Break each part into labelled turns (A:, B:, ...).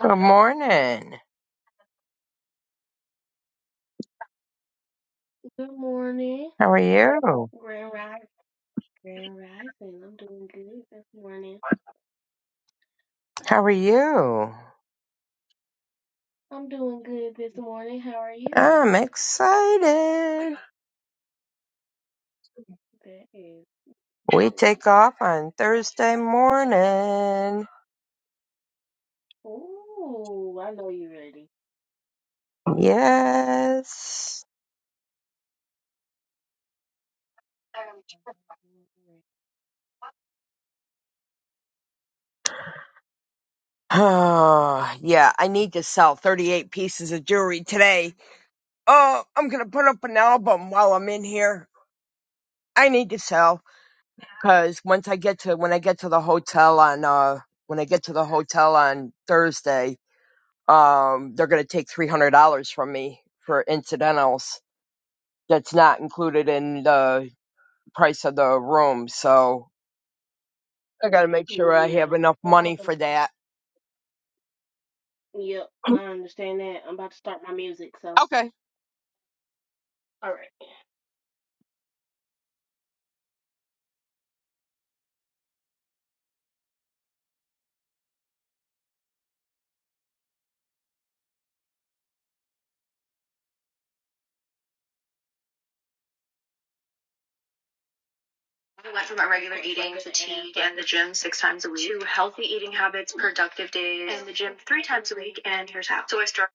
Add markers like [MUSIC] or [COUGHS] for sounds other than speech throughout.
A: Good morning.
B: Good morning,
A: How are you?
B: Grand Rise, Grand Rising. I'm doing good this morning.
A: How are you?
B: I'm doing good this morning. How are you?
A: I'm excited.
B: That is
A: We
B: good.
A: take off on Thursday morning.
B: Ooh, I know you're ready.
A: Yes. [SIGHS] Oh, yeah, I need to sell 38 pieces of jewelry today. Oh, I'm going to put up an album while I'm in here. I need to sell cuz once I get to when I get to the hotel on uh when I get to the hotel on Thursday, um, they're going to take $300 from me for incidentals. That's not included in the price of the room. So I got to make sure I
B: Yeah,
A: have enough
B: I'm
A: money
B: about
A: for
B: to.
A: that.
B: Yep,
A: [CLEARS THROAT]
B: I understand that. I'm about to start my music, so.
A: Okay.
B: All right. I went from my regular eating, fatigue, and the gym six times a week to healthy eating habits, productive days, and the gym three times a week. And here's how. So I start.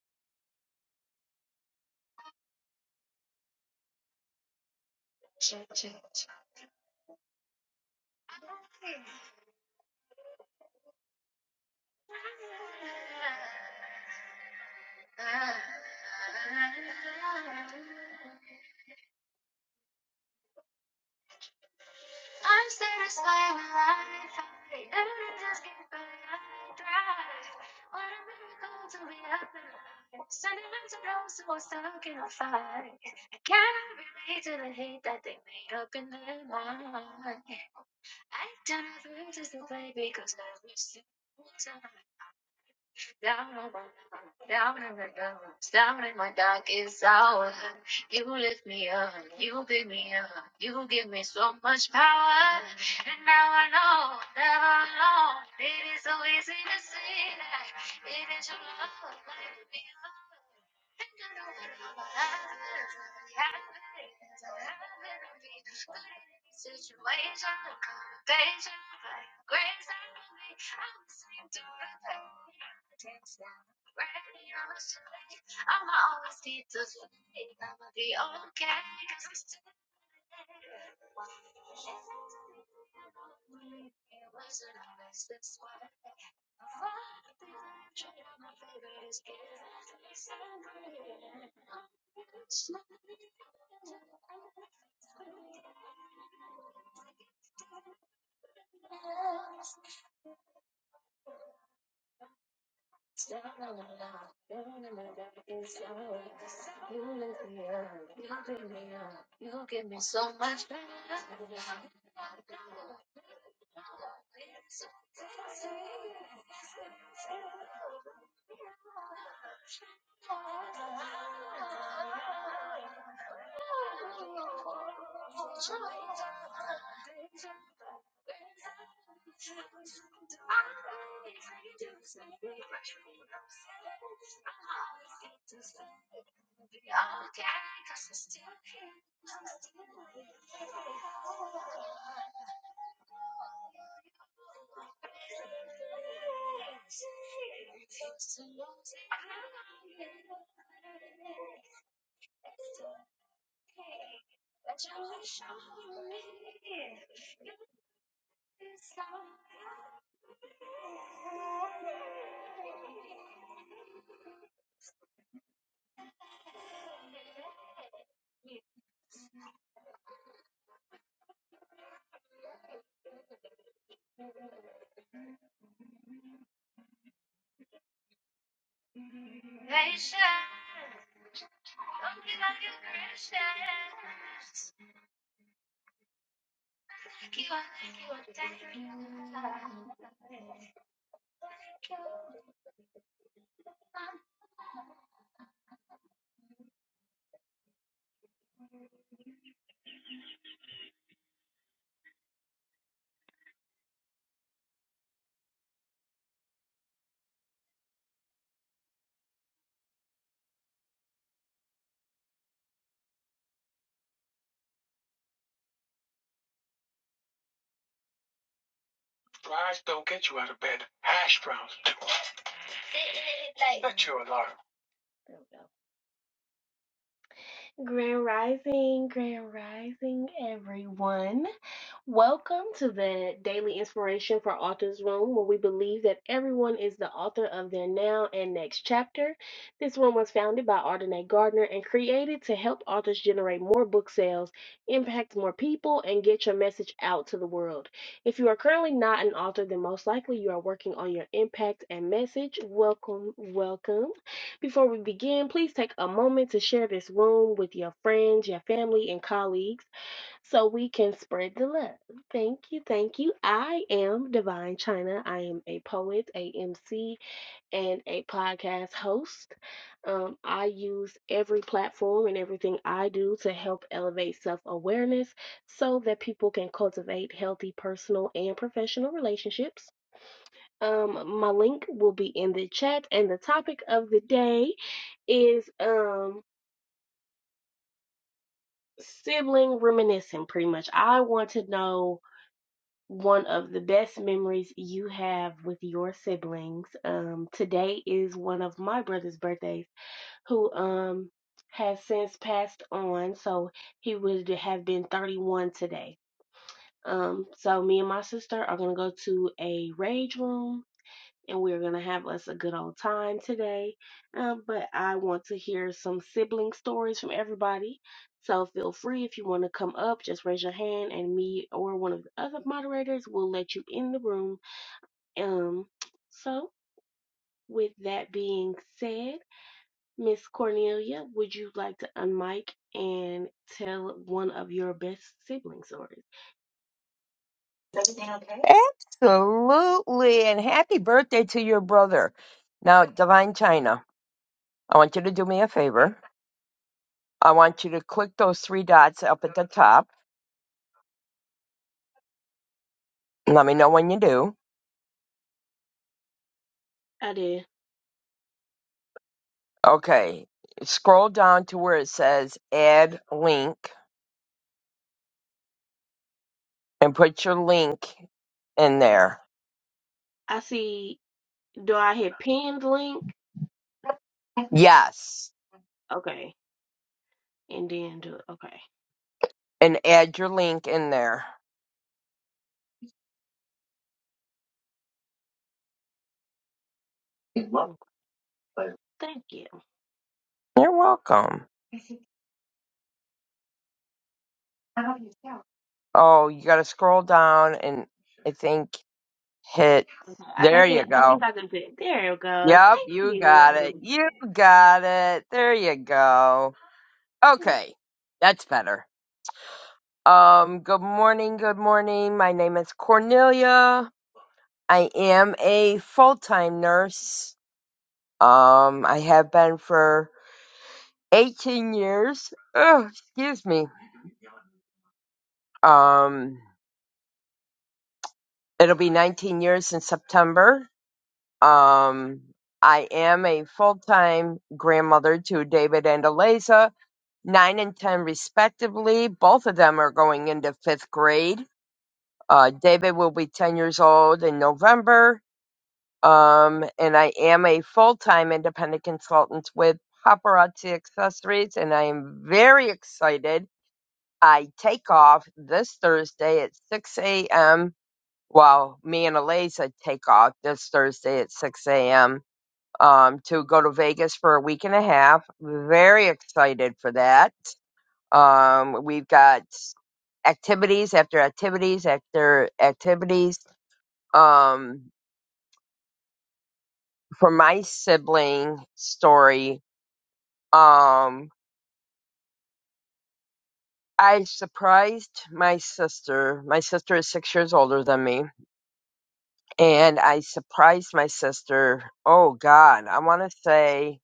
B: Flies don't get you out of bed. Hash browns [LAUGHS] do. Set your alarm. Grand Rising, Grand Rising, everyone. Welcome to the Daily Inspiration for Authors Room, where we believe that everyone is the author of their now and next chapter. This room was founded by Ardenae Gardner and created to help authors generate more book sales, impact more people, and get your message out to the world. If you are currently not an author, then most likely you are working on your impact and message. Welcome, welcome. Before we begin, please take a moment to share this room with your friends, your family, and colleagues so we can spread the love. Thank you, thank you. I am Divine China. I am a poet, a MC, and a podcast host. Um, I use every platform and everything I do to help elevate self awareness so that people can cultivate healthy personal and professional relationships. Um, my link will be in the chat, and the topic of the day is um sibling reminiscing pretty much. I want to know one of the best memories you have with your siblings. Um today is one of my brother's birthdays who um has since passed on, so he would have been 31 today. Um so me and my sister are going to go to a rage room and we're going to have us a good old time today. Um, but I want to hear some sibling stories from everybody. So feel free if you want to come up, just raise your hand, and me or one of the other moderators will let you in the room. Um, so with that being said, Miss Cornelia, would you like to unmic and tell one of your best sibling stories?
A: Absolutely. And happy birthday to your brother. Now, Divine China, I want you to do me a favor. I want you to click those three dots up at the top. Let me know when you do.
B: I did.
A: Okay. Scroll down to where it says add link. and put your link in there.
B: I see. Do I hit pinned link?
A: Yes,
B: Okay, and then do it. okay.
A: and add your link in there. You're
B: Okay. Thank you.
A: welcome. Oh, you got to scroll down and I think hit.
B: Okay, I
A: There
B: think
A: you
B: it. I think
A: go.
B: I can put it. There we go.
A: Yep,
B: Thank
A: you got it.
B: you.
A: You got it. There you go. Okay, that's better. Um, good morning. Good morning. My name is Cornelia. I am a full time nurse. Um, I have been for 18 years. Oh, excuse me. Um, it'll be 19 years in September. Um, I am a full time grandmother to David and Eliza, nine and 10 respectively. Both of them are going into fifth grade. Uh, David will be 10 years old in November. Um, and I am a full time independent consultant with Paparazzi Accessories, and I am very excited I take off this Thursday at 6 a.m. Well, me and Eliza take off this Thursday at 6 a.m. Um, to go to Vegas for a week and a half. Very excited for that. Um, we've got activities after activities after activities. Um, for my sibling story, um, I surprised my sister. My sister is six years older than me and I surprised my sister. Oh God, I want to say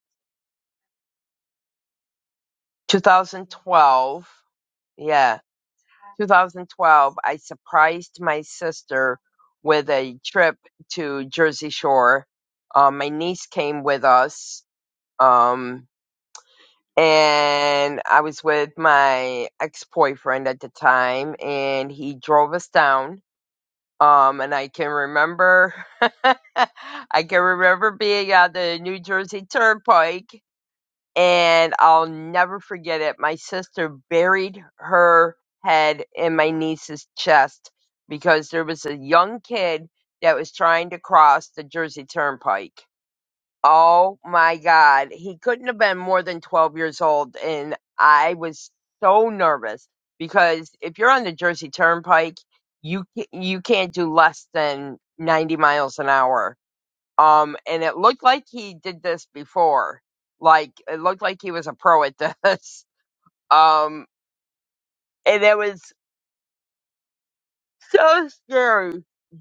A: 2012. Yeah, 2012. I surprised my sister with a trip to Jersey Shore. Um, my niece came with us. Um, and I was with my ex-boyfriend at the time, and he drove us down. Um, and I can remember, [LAUGHS] I can remember being on the New Jersey Turnpike and I'll never forget it. My sister buried her head in my niece's chest because there was a young kid that was trying to cross the Jersey Turnpike. Oh my God. He couldn't have been more than 12 years old. And I was so nervous because if you're on the Jersey Turnpike, you, ca- you can't do less than 90 miles an hour um, and it looked like he did this before. Like it looked like he was a pro at this. [LAUGHS] Um, and it was so scary.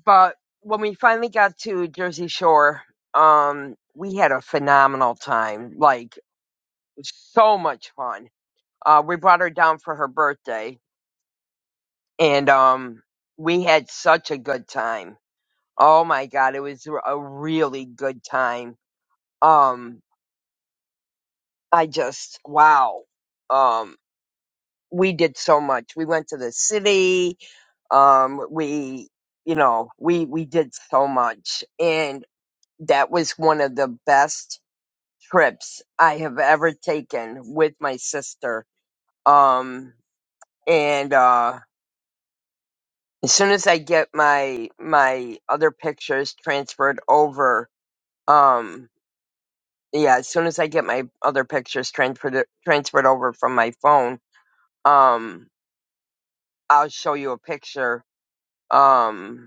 A: But when we finally got to Jersey Shore, um, we had a phenomenal time. Like so much fun. Uh, we brought her down for her birthday, and um, we had such a good time. Oh my god, it was a really good time. Um, I just wow. Um, we did so much. We went to the city. Um, we, you know, we, we did so much. And that was one of the best trips I have ever taken with my sister. Um, and, uh, as soon as I get my, my other pictures transferred over, um, yeah, as soon as I get my other pictures transferred, transferred over from my phone, um, I'll show you a picture. Um,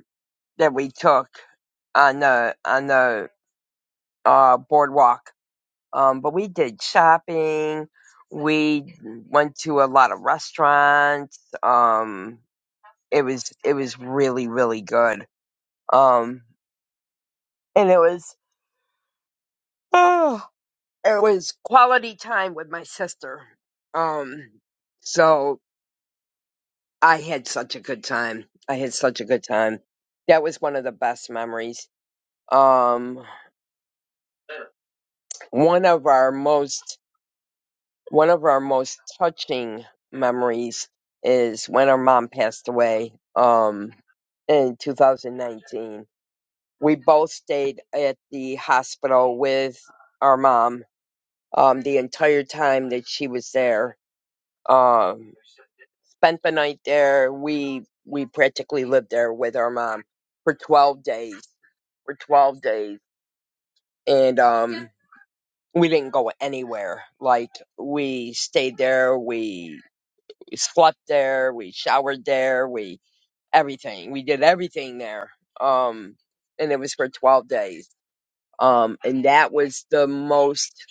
A: that we took on the on the uh, boardwalk. Um, but we did shopping. We went to a lot of restaurants. Um, it was it was really really good. Um, and it was oh, it was quality time with my sister. Um, so I had such a good time. I had such a good time. That was one of the best memories. Um, one of our most one of our most touching memories is when our mom passed away um in 2019 we both stayed at the hospital with our mom um the entire time that she was there um spent the night there we we practically lived there with our mom for 12 days for 12 days and um we didn't go anywhere like we stayed there we We slept there, we showered there, we everything. We did everything there. Um and it was for 12 days. Um and that was the most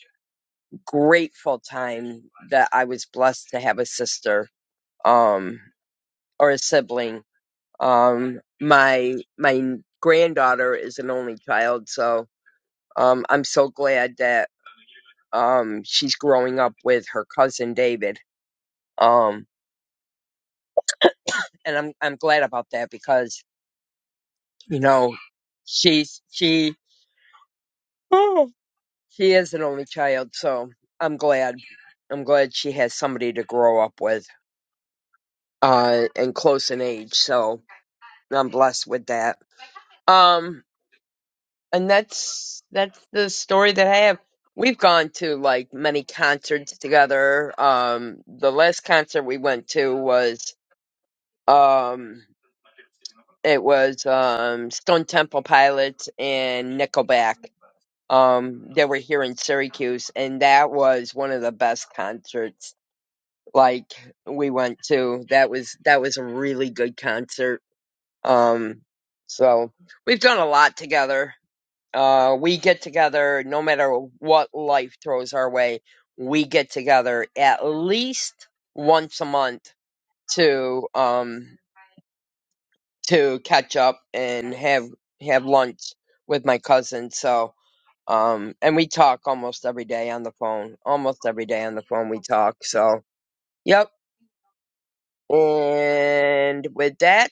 A: grateful time that I was blessed to have a sister um or a sibling. Um my my granddaughter is an only child, so um I'm so glad that um she's growing up with her cousin David. Um and I'm I'm glad about that because you know, she's she she is an only child, so I'm glad. I'm glad she has somebody to grow up with, uh, and close in age. So I'm blessed with that. Um, and that's that's the story that I have. We've gone to like many concerts together. Um, the last concert we went to was um, it was um Stone Temple Pilots and Nickelback um that were here in Syracuse and that was one of the best concerts like we went to that was that was a really good concert um so we've done a lot together uh we get together no matter what life throws our way we get together at least once a month to um to catch up and have have lunch with my cousin so Um, and we talk almost every day on the phone. Almost every day on the phone we talk. So, yep. And with that,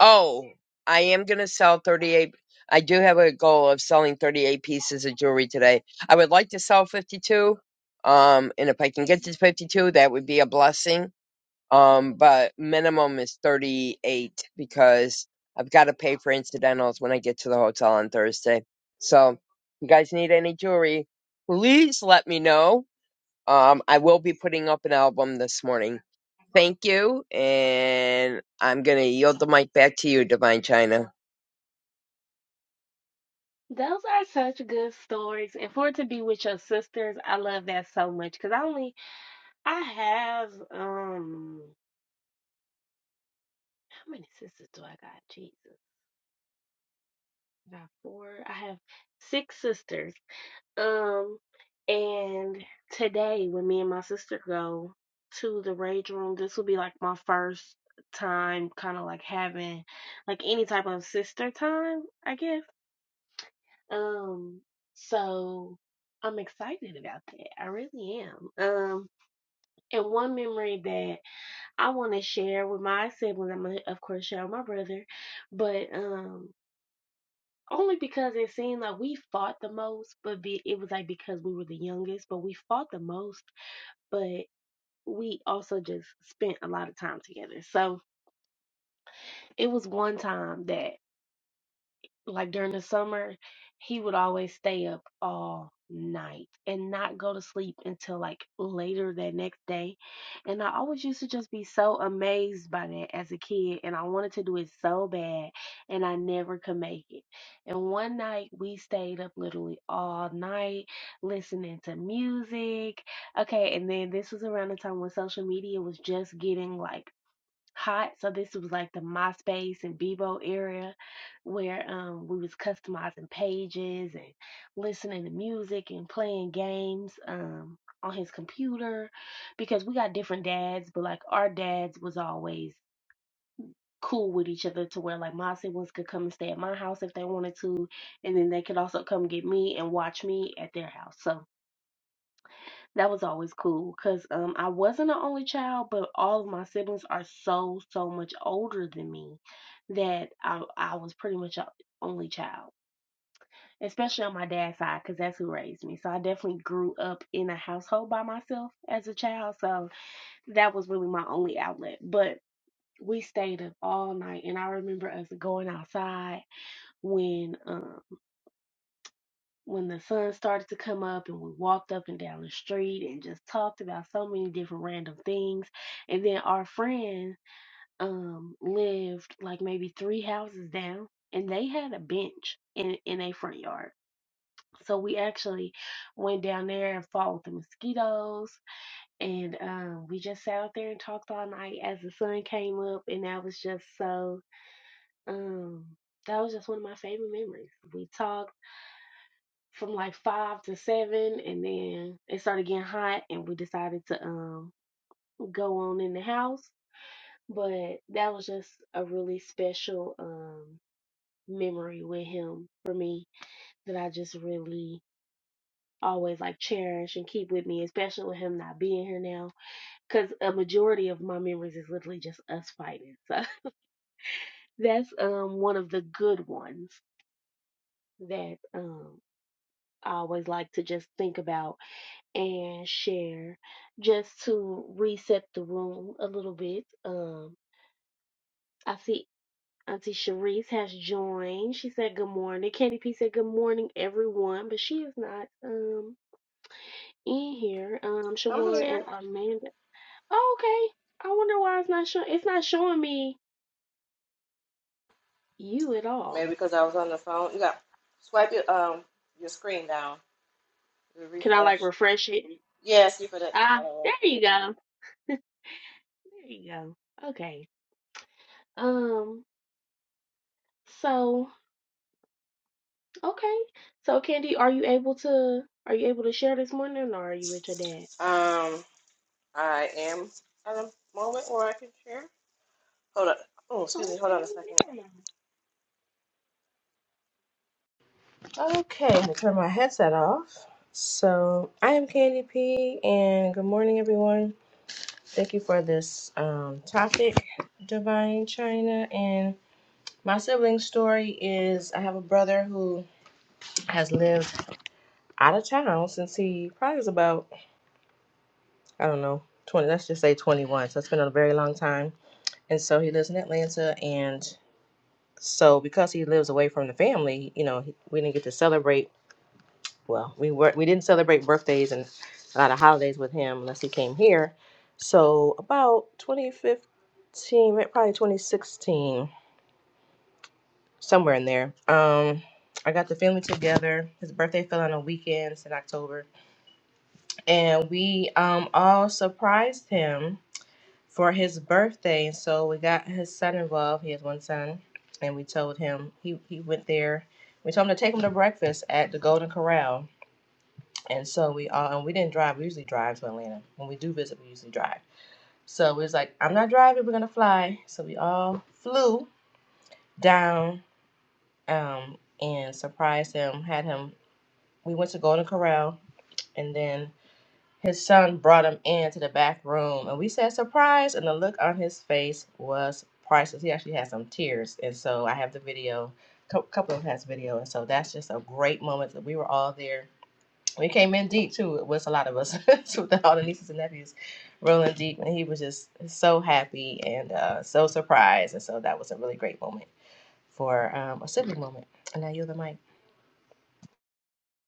A: oh, I am going to sell 38. I do have a goal of selling 38 pieces of jewelry today. I would like to sell 52. Um, and if I can get to 52, that would be a blessing. Um, but minimum is 38 because I've got to pay for incidentals when I get to the hotel on Thursday. So, if you guys need any jewelry, please let me know. Um, I will be putting up an album this morning. Thank you, and I'm gonna yield the mic back to you, Divine China.
B: Those are such good stories, and for it to be with your sisters, I love that so much. Cause I only I have um how many sisters do I got? Jesus, I got four. I have six sisters. Um, and today when me and my sister go to the rage room, this will be like my first time, kind of like having like any type of sister time, I guess Um, so I'm excited about that. I really am. Um, and one memory that I want to share with my siblings, I'm gonna of course share with my brother, but um, only because it seemed like we fought the most, but be, it was like because we were the youngest, but we fought the most, but we also just spent a lot of time together. So it was one time that like during the summer, he would always stay up all night and not go to sleep until like later that next day. And I always used to just be so amazed by that as a kid. And I wanted to do it so bad, and I never could make it. And one night we stayed up literally all night listening to music. Okay. And then this was around the time when social media was just getting like hot. So this was like the MySpace and Bebo era where um we was customizing pages and listening to music and playing games um on his computer because we got different dads, but like our dads was always cool with each other to where like my siblings could come and stay at my house if they wanted to and then they could also come get me and watch me at their house. So that was always cool, cause um, I wasn't an only child, but all of my siblings are so, so much older than me that I I was pretty much a only child, especially on my dad's side, cause that's who raised me. So I definitely grew up in a household by myself as a child, so that was really my only outlet. But we stayed up all night, and I remember us going outside when um when the sun started to come up and we walked up and down the street and just talked about so many different random things and then our friend um lived like maybe three houses down and they had a bench in in a front yard so we actually went down there and fought with the mosquitoes and um we just sat out there and talked all night as the sun came up and that was just so um that was just one of my favorite memories. We talked from like five to seven, and then it started getting hot, and we decided to um go on in the house. But that was just a really special um memory with him for me that I just really always like cherish and keep with me, especially with him not being here now, because a majority of my memories is literally just us fighting. So [LAUGHS] that's um one of the good ones that um I always like to just think about and share just to reset the room a little bit. Um, I see Auntie Sharice has joined. She said good morning. Candy P said good morning, everyone, but she is not um in here. Um,
C: I'm
B: Shawan
C: here.
B: and Amanda. Oh, okay. I wonder why it's not showing. It's not showing me you at
C: Maybe
B: all.
C: because I was on the phone. You got swipe your um your screen down. You
B: Can I like
C: refresh.
B: refresh it?
C: Yeah, see if it if
B: Ah, there
C: that'll
B: you go. [LAUGHS] There you go. Okay. Um. So Okay. So Candy, are you able to are you able to share this morning or are you with your dad?
C: work. Um, I am at a moment where I can share. Hold on. Oh, excuse me. Hold
B: Okay,
C: on a second.
B: yeah.
C: Okay, I'm gonna turn my headset off. So I am Candy P, and good morning, everyone. Thank you for this um, topic, Divine China. And my sibling story is I have a brother who has lived. out of town since he probably was about I don't know twenty. Let's just say twenty one. So it's been a very long time, and so he lives in Atlanta. And so because he lives away from the family, you know, we didn't get to celebrate. Well, we were we didn't celebrate birthdays and a lot of holidays with him unless he came here. So about twenty fifteen, right, probably twenty sixteen, somewhere in there. Um, I got the family together. His birthday fell on a weekend in October and we um all surprised him for his birthday. So we got his son involved. He has one son, and we told him he he went there. We told him to take him to breakfast at the Golden Corral. And so we all and we didn't drive. We usually drive to Atlanta. When we do visit, we usually drive. So we was like, I'm not driving. We're gonna fly. So we all flew down um and surprised him. Had him. We went to Golden Corral, and then His son brought him into the back room and we said surprise and the look on his face was priceless. He actually had some tears. And so I have the video, a couple of them has video. And so that's just a great moment that we were all there. We came in deep too. It was a lot of us [LAUGHS] with all the nieces and nephews rolling deep. And he was just so happy and uh, so surprised. And so that was a really great moment for um, a sibling moment. And I yield the mic.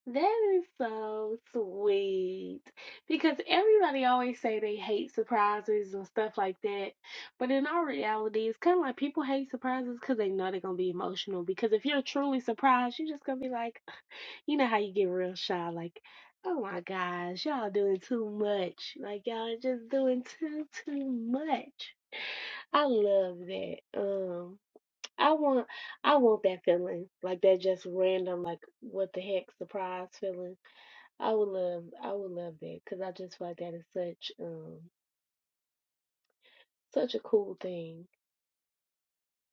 B: That is so sweet. Because everybody always say they hate surprises and stuff like that. But in our reality, it's kind of like people hate surprises because they know they're going to be emotional. Because if you're truly surprised, you're just going to be like, [SIGHS] you know how you get real shy. Like, oh my gosh, y'all doing too much. Like, y'all just doing too, too much. I love that. Um, I want I want that feeling like that just random like what the heck surprise feeling. I would love I would love that because I just feel like that is such um such a cool thing.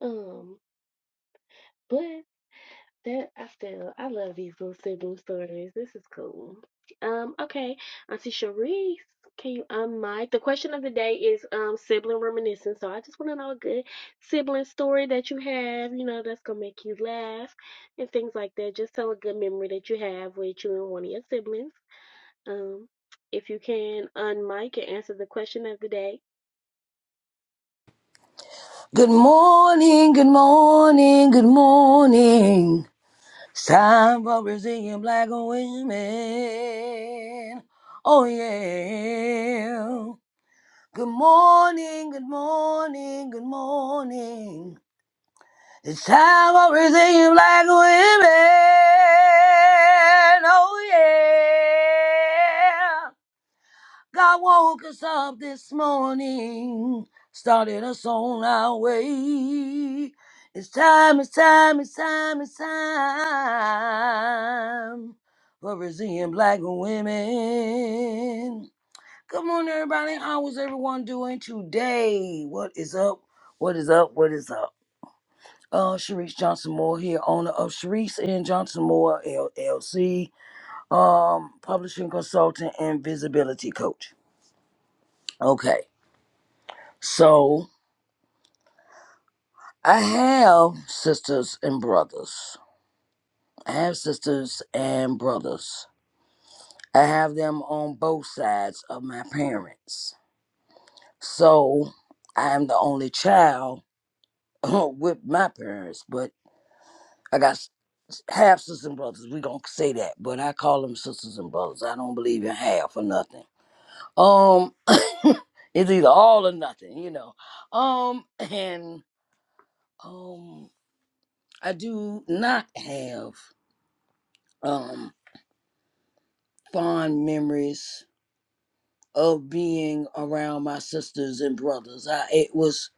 B: Um, but That I still I love these little sibling stories. This is cool. Um, okay, Auntie Sharice, can you unmic? The question of the day is um sibling reminiscence. So I just want to know a good sibling story that you have, you know, that's gonna make you laugh and things like that. Just tell a good memory that you have with you and one of your siblings. Um, if you can unmic and answer the question of the day.
D: Good morning, good morning, good morning. It's time for Brazilian black women. Oh, yeah. Good morning, good morning, good morning. It's time for Brazilian black women. Oh, yeah. God woke us up this morning, started us on our way. It's time, it's time, it's time, it's time for Brazilian black women. Good morning, everybody. How is everyone doing today? What is up? What is up? What is up? Uh, Sharice Johnson Moore here, owner of Sharice and Johnson Moore LLC, um, publishing consultant and visibility coach. Okay. So I have sisters and brothers. I have sisters and brothers. I have them on both sides of my parents. So I am the only child [LAUGHS] [CLEARS THROAT] with my parents, but I got s- half sisters and brothers. We gonna say that, but I call them sisters and brothers. I don't believe in half or nothing. Um, [COUGHS] [LAUGHS] it's either all or nothing, you know. Um, and um, I do not have. um. fond memories of being around my sisters and brothers. I, it was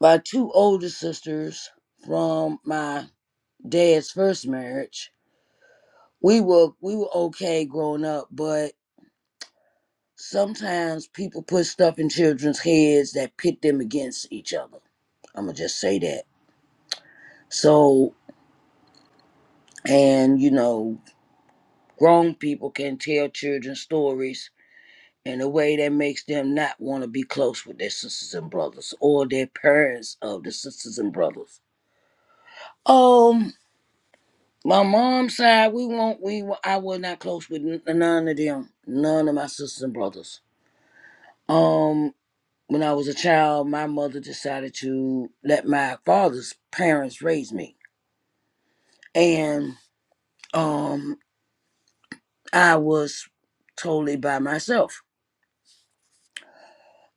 D: my two older sisters from my dad's first marriage. We were we were okay growing up, but sometimes people put stuff in children's heads that pit them against each other. I'm gonna just say that. So, and you know, grown people can tell children stories in a way that makes them not want to be close with their sisters and brothers or their parents of the sisters and brothers. Um, my mom's side, we won't, we wa- I was not close with n- none of them, none of my sisters and brothers. Um, when I was a child, my mother decided to let my father's parents raise me, and um, I was totally by myself.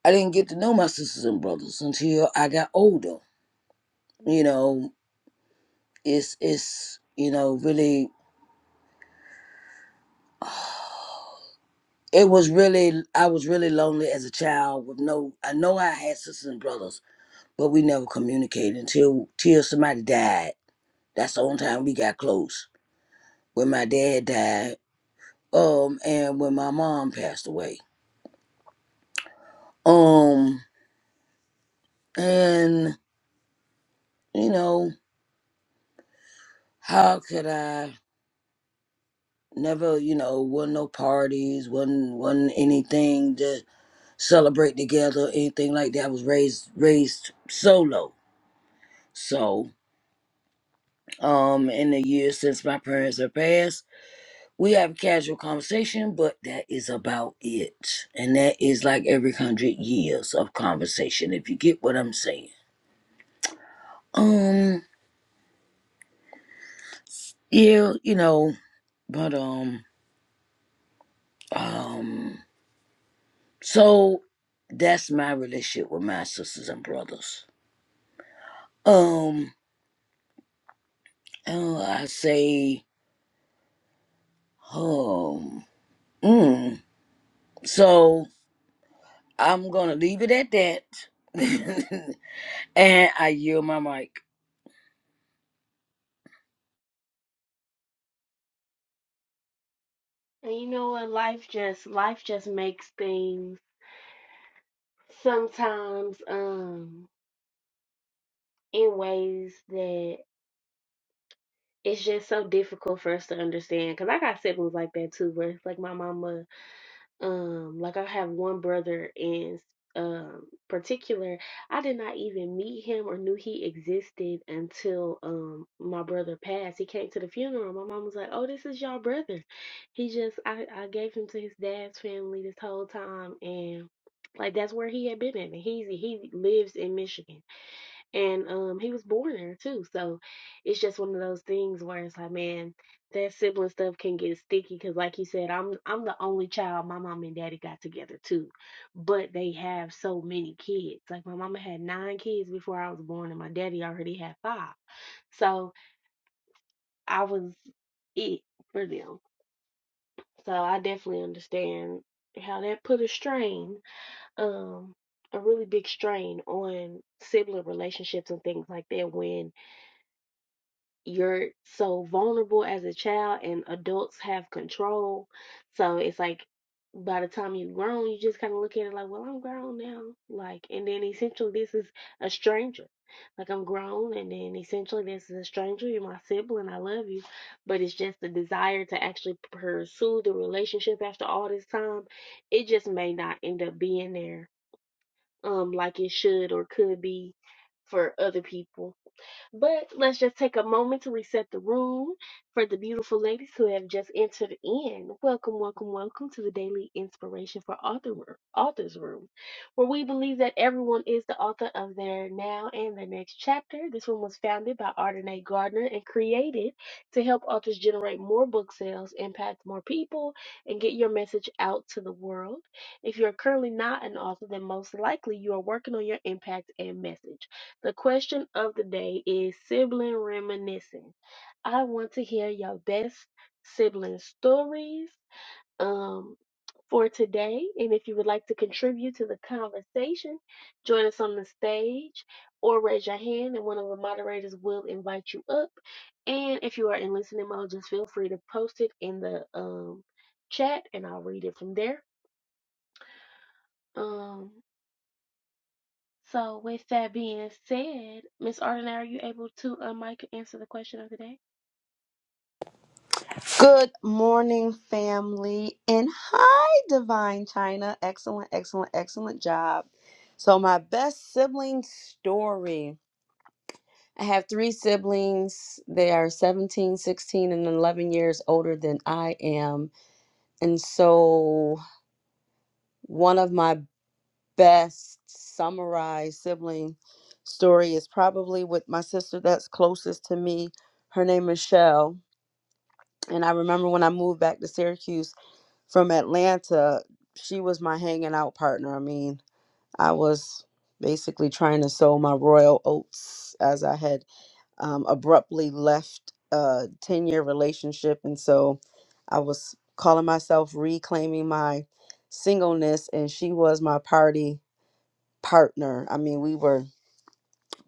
D: I didn't get to know my sisters and brothers until I got older. You know, it's it's you know really it was really I was really lonely as a child with no I know I had sisters and brothers, but we never communicated until till somebody died. That's the only time we got close. When my dad died, um, and when my mom passed away. Um and you know, how could I never, you know, wasn't no parties, wasn't wasn't anything to celebrate together, anything like that. I was raised raised solo So, um, in the years since my parents have passed, we have casual conversation, but that is about it. And that is like every hundred years of conversation, if you get what I'm saying. Um, yeah, you know, but um, um, so that's my relationship with my sisters and brothers. Um, uh, I say, um, mm, so I'm gonna leave it at that. [LAUGHS] And I yield my mic.
B: And you know what? Life just life just makes things sometimes. Um in ways that it's just so difficult for us to understand. Cause I got siblings like that too, where it's like my mama, um, like I have one brother in um particular, I did not even meet him or knew he existed until um my brother passed. He came to the funeral. My mom was like, Oh, this is your brother. He just I, I gave him to his dad's family this whole time and like that's where he had been at. And he's he lives in Michigan and um he was born there too so it's just one of those things where it's like man that sibling stuff can get sticky because like you said i'm i'm the only child my mom and daddy got together too but they have so many kids like my mama had nine kids before i was born and my daddy already had five so i was it for them so i definitely understand how that put a strain um a really big strain on sibling relationships and things like that when you're so vulnerable as a child and adults have control. So it's like by the time you're grown, you just kind of look at it like, well, I'm grown now. Like, and then essentially this is a stranger. Like I'm grown and then essentially this is a stranger. You're my sibling. I love you. But it's just the desire to actually pursue the relationship after all this time. It just may not end up being there um like it should or could be for other people. But let's just take a moment to reset the room for the beautiful ladies who have just entered in. Welcome, welcome, welcome to the Daily Inspiration for Author Room, Authors Room, where we believe that everyone is the author of their now and their next chapter. This one was founded by Ardenae Gardner and created to help authors generate more book sales, impact more people, and get your message out to the world. If you're currently not an author, then most likely you are working on your impact and message. The question of the day is sibling reminiscing. I want to hear your best sibling stories um, for today. And if you would like to contribute to the conversation, join us on the stage or raise your hand, and one of the moderators will invite you up. And if you are in listening mode, just feel free to post it in the um, chat, and I'll read it from there. Um, So, with that being said, Miss Ordinary, are you able to um, and answer the question of the day?
E: Good morning, family, and hi, Divine China. Excellent, excellent, excellent job. So, my best sibling story I have three siblings. They are 17, 16, and 11 years older than I am. And so, one of my best summarized sibling story is probably with my sister that's closest to me. Her name is Shell. And I remember when I moved back to Syracuse. from Atlanta, she was my hanging out partner. I mean, I was basically trying to sow my royal oats as I had um, abruptly left a 10 year relationship. And so I was calling myself reclaiming my singleness, and she was my party partner. I mean, we were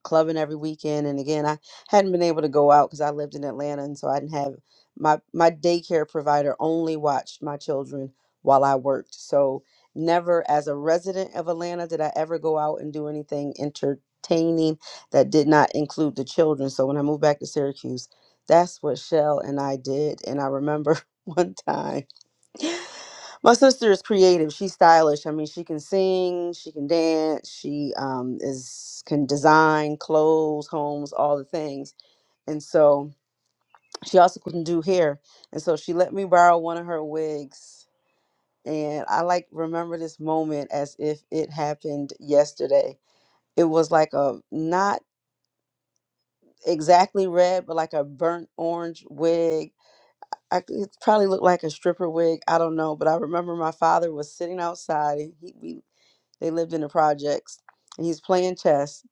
E: clubbing every weekend. And again, I hadn't been able to go out because I lived in Atlanta, and so I didn't have my my daycare provider only watched my children while I worked. So never, as a resident of Atlanta, did I ever go out and do anything entertaining that did not include the children. So when I moved back to Syracuse, that's what Shell and I did. And I remember [LAUGHS] one time. [LAUGHS] My sister is creative. She's stylish. I mean, she can sing, she can dance, she um, is can design clothes, homes, all the things. And so she also couldn't do hair. And so she let me borrow one of her wigs. And I like remember this moment as if it happened yesterday. It was like a not exactly red, but like a burnt orange wig. I, c- it probably looked like a stripper wig. I don't know, but I remember my father was sitting outside. And he, we They lived in the projects, and he's playing chess.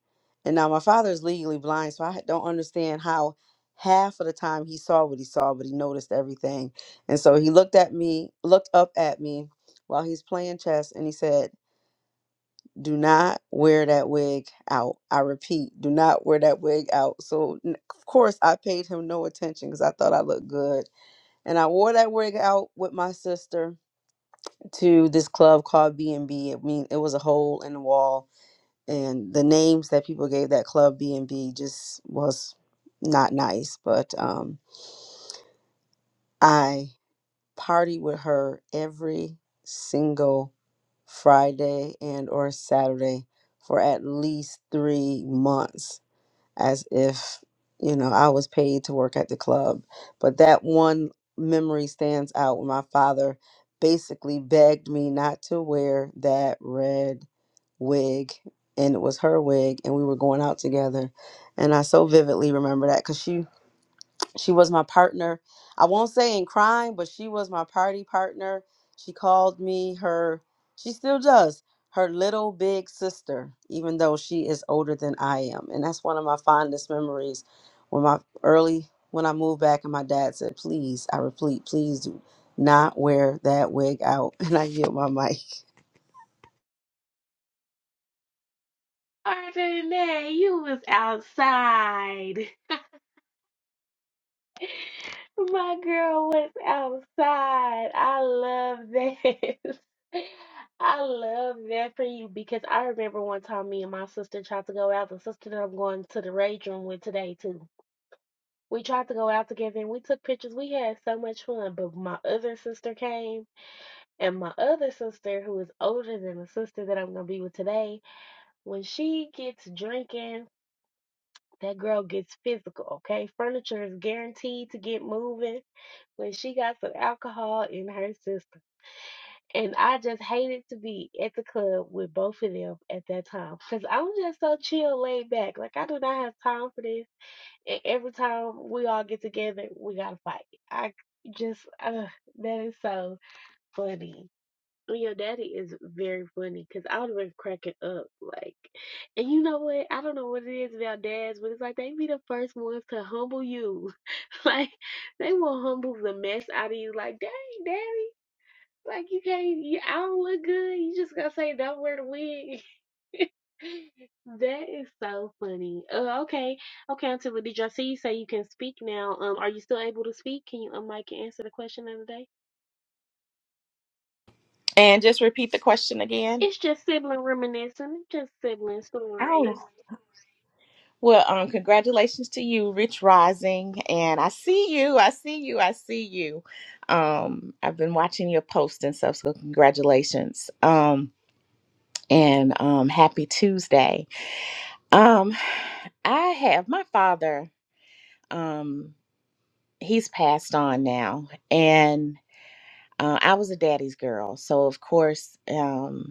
E: And now my father is legally blind, so I don't understand how half of the time he saw what he saw, but he noticed everything. And so he looked at me, looked up at me while he's playing chess, and he said, "Do not wear that wig out." I repeat, "Do not wear that wig out." So n- of course I paid him no attention because I thought I looked good, and I wore that wig out with my sister to this club called B and B. I mean, it was a hole in the wall and the names that people gave that club b&b just was not nice but um, i party with her every single friday and or saturday for at least three months as if you know i was paid to work at the club but that one memory stands out when my father basically begged me not to wear that red wig and it was her wig and we were going out together and i so vividly remember that because she she was my partner i won't say in crime but she was my party partner she called me her she still does her little big sister even though she is older than i am and that's one of my fondest memories when my early when i moved back and my dad said please i repeat please do not wear that wig out [LAUGHS] and i yield my mic
B: Ordinary, you was outside. [LAUGHS] My girl was outside. I love that. [LAUGHS] I love that for you because I remember one time me and my sister tried to go out. The sister that I'm going to the rage room with today too. We tried to go out together and we took pictures. We had so much fun, but my other sister came And my other sister, who is older than the sister that I'm going to be with today, when she gets drinking, that girl gets physical, okay? Furniture is guaranteed to get moving when she got some alcohol in her system. And I just hated to be at the club with both of them at that time because I'm just so chill, laid back. Like, I do not have time for this. And every time we all get together, we got to fight. I just, uh, that is so funny. Well, Your daddy is very funny because I would have been cracking up. Like, and you know what? I don't know what it is about dads, but it's like they be the first ones to humble you. [LAUGHS] like, they will humble the mess out of you. Like, dang, daddy, like you can't. You, I don't look good. You just gotta say don't wear the wig. [LAUGHS] That is so funny. Uh, okay, okay, Auntie, Did y'all see you say you can speak now? Um, are you still able to speak? Can you unmic and answer the question of the day?
F: And just repeat the question again.
B: It's just sibling reminiscing, just sibling stories.
F: Oh, Well, um, congratulations to you, Rich Rising, and I see you, I see you, I see you. Um, I've been watching your post and stuff, so congratulations. Um, and um, happy Tuesday. Um, I have my father. Um, he's passed on now, and uh, I was a daddy's girl, so of course, um,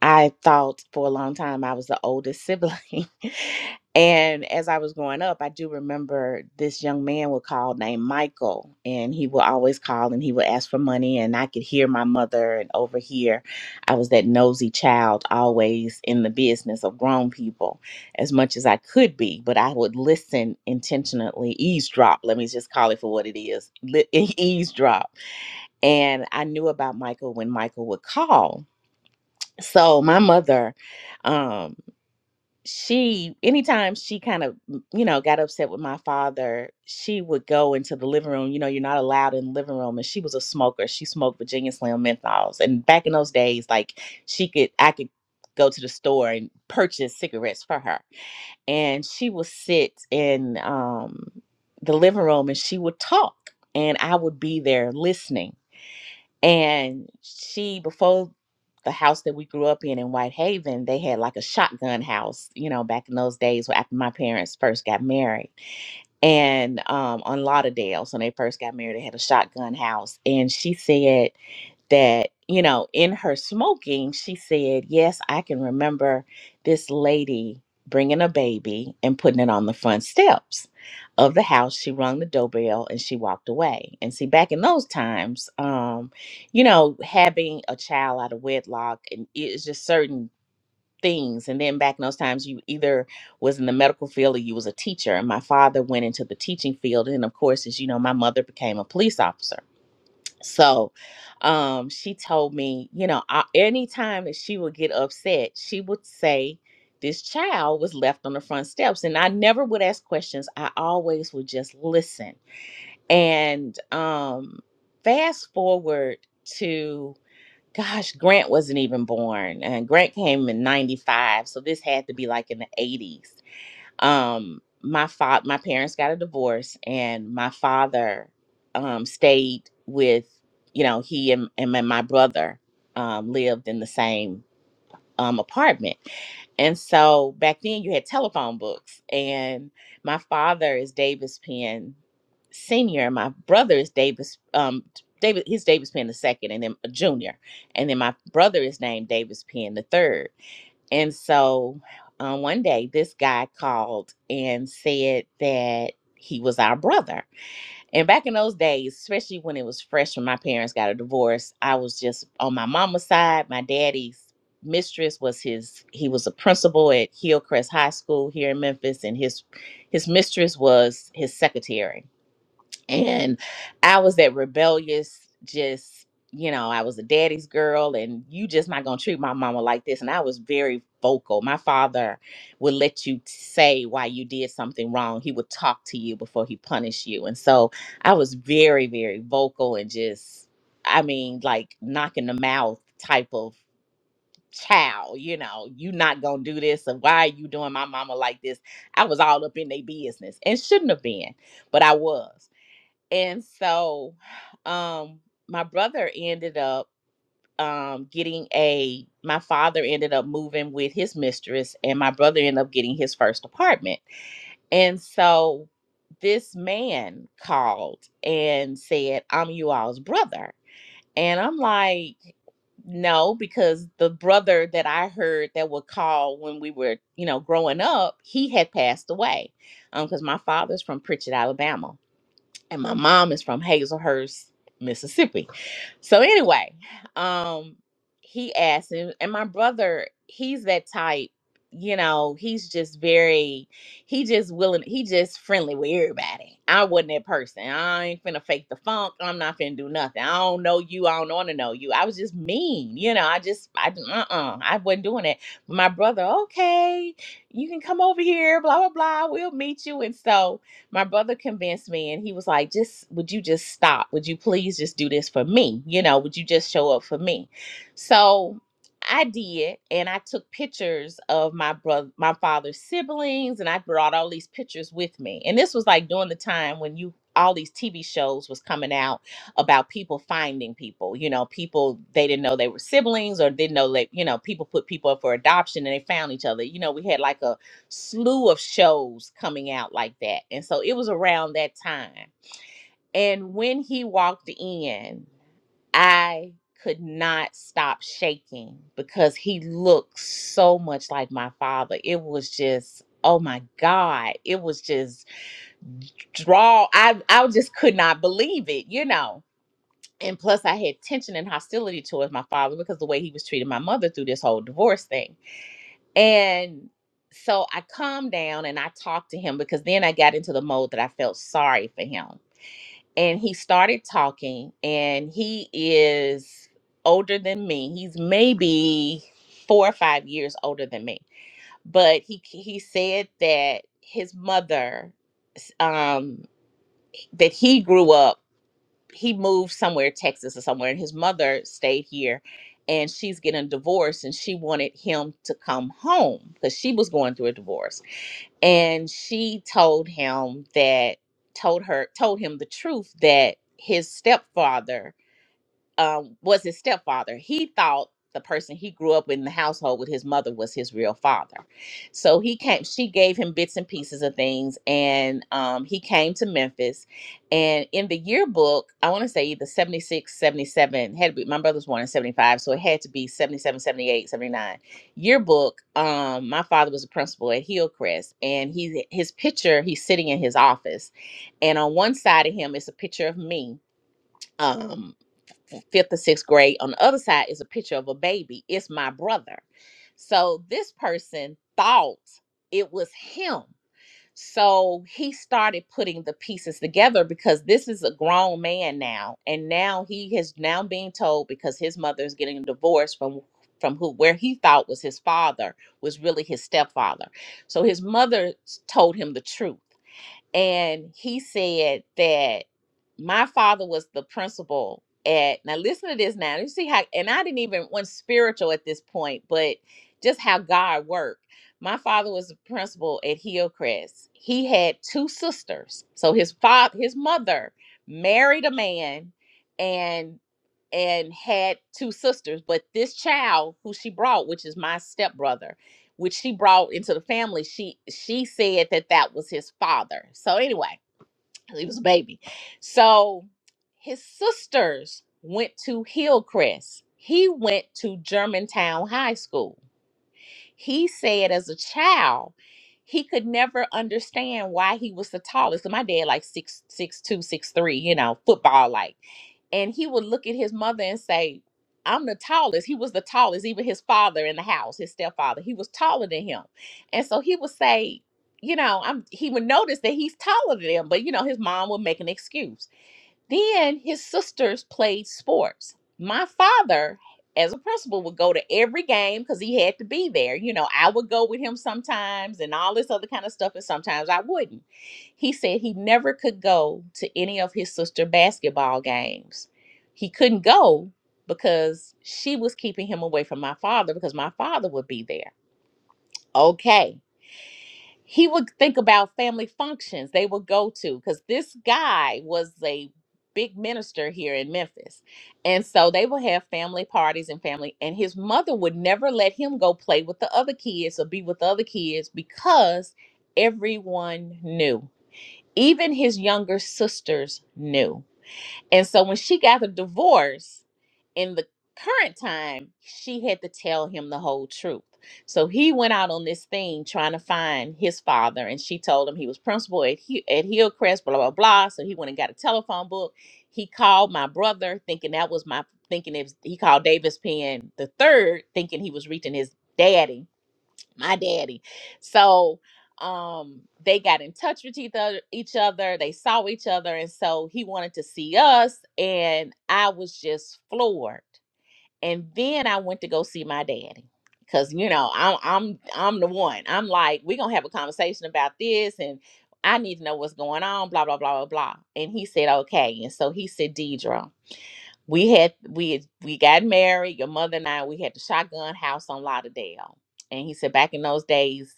F: I thought for a long time I was the oldest sibling. [LAUGHS] and as I was growing up, I do remember this young man would call named Michael, and he would always call and he would ask for money. And I could hear my mother and overhear. I was that nosy child, always in the business of grown people as much as I could be, but I would listen intentionally, eavesdrop. Let me just call it for what it is li- [LAUGHS] eavesdrop. And I knew about Michael when Michael would call so my mother um she anytime she kind of you know got upset with my father she would go into the living room you know you're not allowed in the living room and she was a smoker she smoked virginia slim menthols and back in those days like she could i could go to the store and purchase cigarettes for her and she would sit in um the living room and she would talk and i would be there listening and she, before the house that we grew up in in Whitehaven, they had like a shotgun house, you know, back in those days after my parents first got married and um, on Lauderdale. So when they first got married, they had a shotgun house. And she said that, you know, in her smoking, she said, Yes, I can remember this lady bringing a baby and putting it on the front steps of the house. She rung the doorbell and she walked away. And see, back in those times, um, you know, having a child out of wedlock and it's just certain things and then back in those times you either was in the medical field or you was a teacher and my father went into the teaching field and of course as you know my mother became a police officer so um she told me you know I, anytime that she would get upset she would say this child was left on the front steps and i never would ask questions i always would just listen and um fast forward to gosh, Grant wasn't even born. And Grant came in 95. So this had to be like in the 80s. Um, my fa- my parents got a divorce and my father um, stayed with, you know, he and, and my my brother um, lived in the same um, apartment. And so back then you had telephone books. And my father is Davis Penn Senior. My brother is Davis um David he's Davis Penn the second and then a junior. And then my brother is named Davis Penn the third. And so um, one day this guy called and said that he was our brother and back in those days, especially when it was fresh when my parents got a divorce, I was just on my mama's side. My daddy's mistress was his he was a principal at Hillcrest High School here in Memphis and his his mistress was his secretary and I was that rebellious, just you know, I was a daddy's girl, and you just not gonna treat my mama like this. And I was very vocal. My father would let you t- say why you did something wrong. He would talk to you before he punished you, and so I was very, very vocal and just, I mean, like knocking the mouth type of child. You know, you not gonna do this, and why are you doing my mama like this? I was all up in their business and shouldn't have been, but I was. And so um my brother ended up um getting a my father ended up moving with his mistress and my brother ended up getting his first apartment. And so this man called and said, "I'm you all's brother." And I'm like, "No, because the brother that I heard that would call when we were, you know, growing up, he had passed away." Um cuz my father's from Pritchett, Alabama and my mom is from Hazelhurst, Mississippi. So anyway, um he asked him and my brother, he's that type, you know, he's just very he just willing, he just friendly with everybody. I wasn't that person. I ain't finna fake the funk. I'm not finna do nothing. I don't know you. I don't want to know you. I was just mean, you know. I just I uh-uh. I wasn't doing that. My brother, okay, you can come over here, blah blah blah. We'll meet you. And so my brother convinced me and he was like just would you just stop would you please just do this for me you know would you just show up for me so i did and i took pictures of my brother my father's siblings and i brought all these pictures with me and this was like during the time when you all these tv shows was coming out about people finding people you know people they didn't know they were siblings or didn't know they you know people put people up for adoption and they found each other you know we had like a slew of shows coming out like that. And so it was around that time. And when he walked in, I could not stop shaking because he looked so much like my father. It was just, oh my God. It was just draw. I, I just could not believe it, you know. And plus, I had tension and hostility towards my father because the way he was treating my mother through this whole divorce thing. And so I calmed down and I talked to him because then I got into the mode that I felt sorry for him. And he started talking, and he is older than me. He's maybe four or five years older than me. But he he said that his mother, um, that he grew up he moved somewhere, Texas or somewhere, and his mother stayed here and she's getting divorced and she wanted him to come home because she was going through a divorce. And she told him that told her told him the truth that his stepfather um, was his stepfather. He thought the person he grew up with in the household with his mother was his real father. So he came, she gave him bits and pieces of things, and um, he came to Memphis. And in the yearbook, I want to say either 76, 77. had to be, my brother was born in 75, so it had to be 77, 78, 79. Yearbook, um, my father was a principal at Hillcrest, and he his picture, he's sitting in his office, and on one side of him is a picture of me. Um, fifth or sixth grade. On the other side is a picture of a baby. It's my brother. So this person thought it was him. So he started putting the pieces together because this is a grown man now. And now he has now being told because his mother is getting a divorce from from who where he thought was his father was really his stepfather. So his mother told him the truth and he said that my father was the principal at now listen to this now you see how and i didn't even want spiritual at this point but just how god worked my father was the principal at hillcrest he had two sisters so his father his mother married a man and and had two sisters but this child who she brought which is my stepbrother which she brought into the family she she said that that was his father so anyway he was a baby so his sisters went to hillcrest he went to germantown high school he said as a child he could never understand why he was the tallest and my dad like six six two six three you know football like and he would look at his mother and say, I'm the tallest. He was the tallest, even his father in the house, his stepfather. He was taller than him. And so he would say, you know, I'm he would notice that he's taller than him, but you know, his mom would make an excuse. Then his sisters played sports. My father, as a principal, would go to every game because he had to be there. You know, I would go with him sometimes and all this other kind of stuff, and sometimes I wouldn't. He said he never could go to any of his sister basketball games. He couldn't go because she was keeping him away from my father because my father would be there. Okay he would think about family functions they would go to because this guy was a big minister here in Memphis. And so they would have family parties and family, and his mother would never let him go play with the other kids or be with the other kids because everyone knew. Even his younger sisters knew. And so when she got the divorce in the current time, she had to tell him the whole truth. So he went out on this thing trying to find his father, and she told him he was principal at, Hill- at Hillcrest, blah, blah, blah. So he went and got a telephone book. He called my brother, thinking that was my thinking it was, he called Davis Penn the third, thinking he was reaching his daddy my daddy. So um they got in touch with each other each other they saw each other and so he wanted to see us and i was just floored and then i went to go see my daddy because you know i'm i'm i'm the one i'm like we're gonna have a conversation about this and i need to know what's going on blah blah blah blah blah and he said okay and so he said deidre we had we we got married your mother and i we had the shotgun house on lauderdale and he said back in those days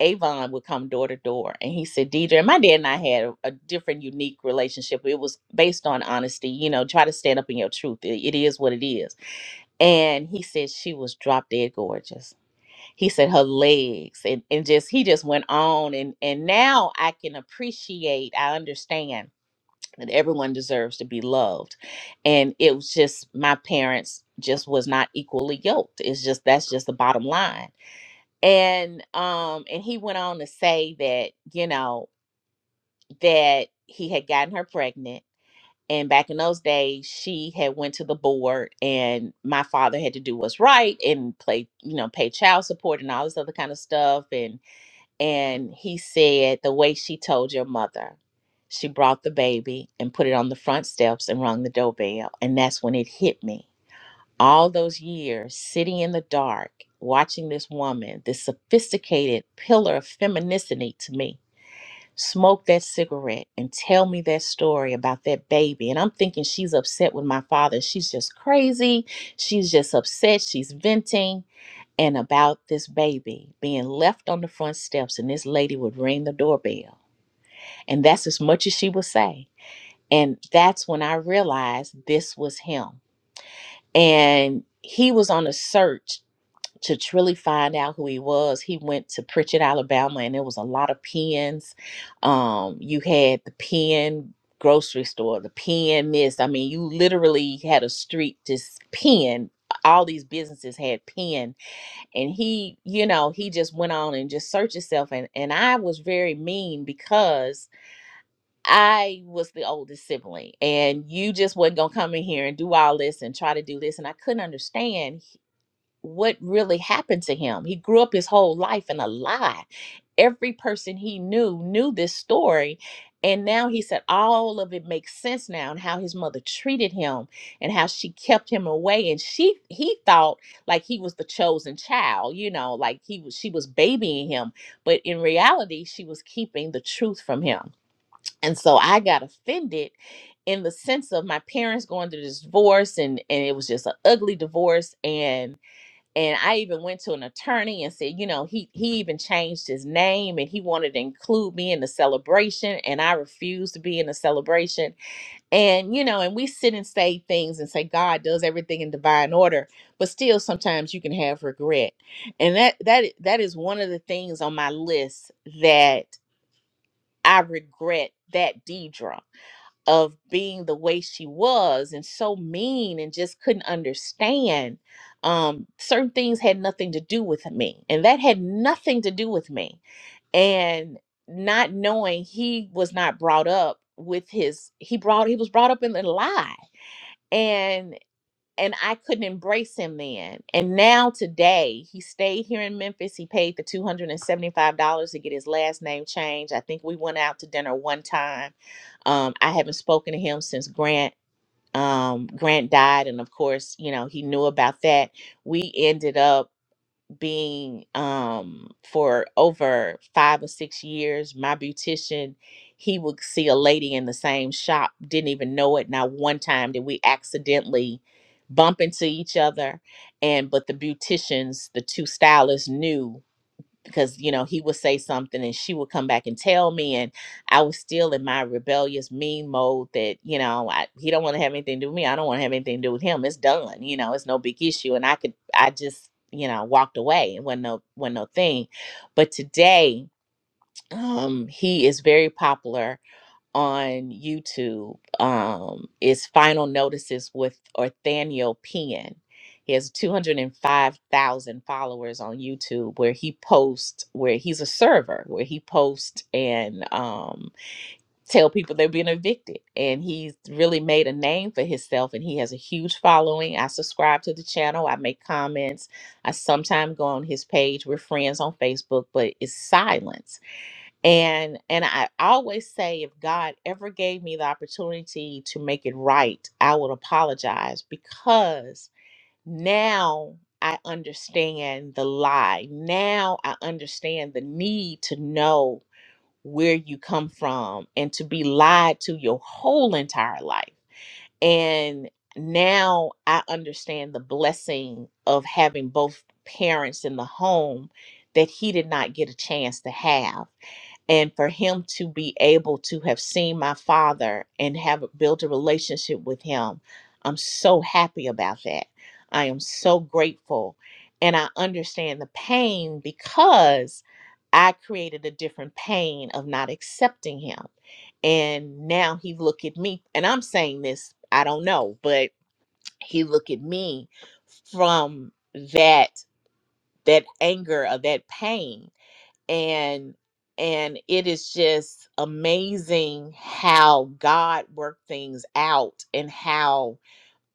F: avon would come door to door and he said deidre my dad and i had a, a different unique relationship it was based on honesty you know try to stand up in your truth it it is what it is and he said she was drop dead gorgeous he said her legs and, and just he just went on and and now i can appreciate i understand that everyone deserves to be loved and it was just my parents just was not equally yoked it's just that's just the bottom line and um and he went on to say that you know that he had gotten her pregnant and back in those days she had went to the board and my father had to do what's right and play you know pay child support and all this other kind of stuff and and he said the way she told your mother she brought the baby and put it on the front steps and rung the doorbell and that's when it hit me all those years sitting in the dark watching this woman this sophisticated pillar of femininity to me smoke that cigarette and tell me that story about that baby. And I'm thinking she's upset with my father. She's just crazy. She's just upset. She's venting. And about this baby being left on the front steps, and this lady would ring the doorbell. And that's as much as she would say. And that's when I realized this was him. And he was on a search to truly find out who he was, he went to Pritchett, Alabama, and there was a lot of pens. Um, you had the pen grocery store, the pen this. I mean, you literally had a street just pen. All these businesses had pen, and he, you know, he just went on and just searched himself. And and I was very mean because I was the oldest sibling, and you just wasn't gonna come in here and do all this and try to do this, and I couldn't understand what really happened to him. He grew up his whole life in a lie. Every person he knew knew this story. And now he said all of it makes sense now and how his mother treated him and how she kept him away. And she he thought like he was the chosen child, you know, like he was she was babying him. But in reality, she was keeping the truth from him. And so I got offended in the sense of my parents going through this divorce and and it was just an ugly divorce and and I even went to an attorney and said, you know, he he even changed his name and he wanted to include me in the celebration, and I refused to be in the celebration. And you know, and we sit and say things and say God does everything in divine order, but still sometimes you can have regret, and that that that is one of the things on my list that I regret that Deidra of being the way she was and so mean and just couldn't understand um certain things had nothing to do with me and that had nothing to do with me and not knowing he was not brought up with his he brought he was brought up in the lie and and I couldn't embrace him then. And now today, he stayed here in Memphis. He paid the $275 to get his last name changed. I think we went out to dinner one time um, I haven't spoken to him since Grant um, Grant died, and of course, you know he knew about that. We ended up being um, for over five or six years. My beautician, he would see a lady in the same shop, didn't even know it. Not one time did we accidentally bump into each other, and but the beauticians, the two stylists, knew because you know he would say something and she would come back and tell me and i was still in my rebellious mean mode that you know I, he don't want to have anything to do with me i don't want to have anything to do with him it's done you know it's no big issue and i could i just you know walked away it wasn't no wasn't no thing but today um he is very popular on YouTube um, is Final Notices with Orthaniel Penn. He has 205,000 followers on YouTube where he posts, where he's a server, where he posts and um, tell people they're being evicted. And he's really made a name for himself and he has a huge following. I subscribe to the channel. I make comments. I sometimes go on his page. We're friends on Facebook, but it's silence and and i always say if god ever gave me the opportunity to make it right i would apologize because now i understand the lie now i understand the need to know where you come from and to be lied to your whole entire life and now i understand the blessing of having both parents in the home that he did not get a chance to have and for him to be able to have seen my father and have built a relationship with him i'm so happy about that i am so grateful and i understand the pain because i created a different pain of not accepting him and now he look at me and i'm saying this i don't know but he look at me from that that anger of that pain and and it is just amazing how God worked things out and how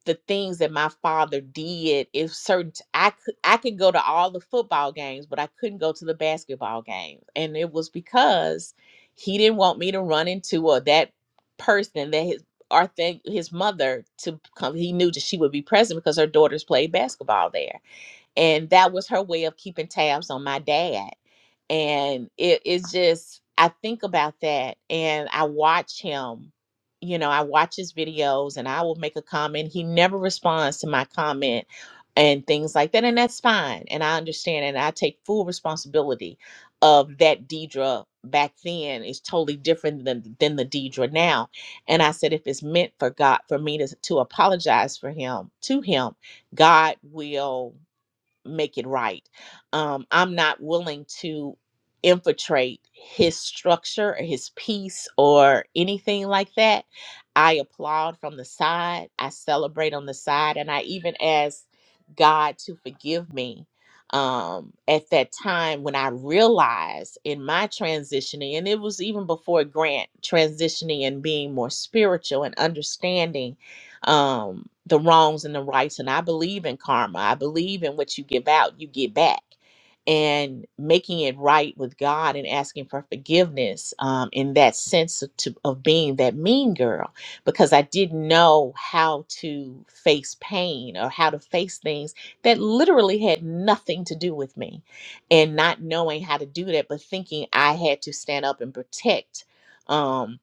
F: the things that my father did if certain t- I could I could go to all the football games but I couldn't go to the basketball games and it was because he didn't want me to run into or that person that his or thing his mother to come he knew that she would be present because her daughters played basketball there and that was her way of keeping tabs on my dad and it, it's just i think about that and i watch him you know i watch his videos and i will make a comment he never responds to my comment and things like that and that's fine and i understand and i take full responsibility of that deidre back then is totally different than than the deidre now and i said if it's meant for god for me to, to apologize for him to him god will make it right. Um, I'm not willing to infiltrate his structure or his piece or anything like that. I applaud from the side, I celebrate on the side, and I even ask God to forgive me. Um, at that time when I realized in my transitioning, and it was even before Grant transitioning and being more spiritual and understanding um, the wrongs and the rights. And I believe in karma. I believe in what you give out, you get back. And making it right with God and asking for forgiveness um, in that sense of, to, of being that mean girl, because I didn't know how to face pain or how to face things that literally had nothing to do with me. And not knowing how to do that, but thinking I had to stand up and protect. Um,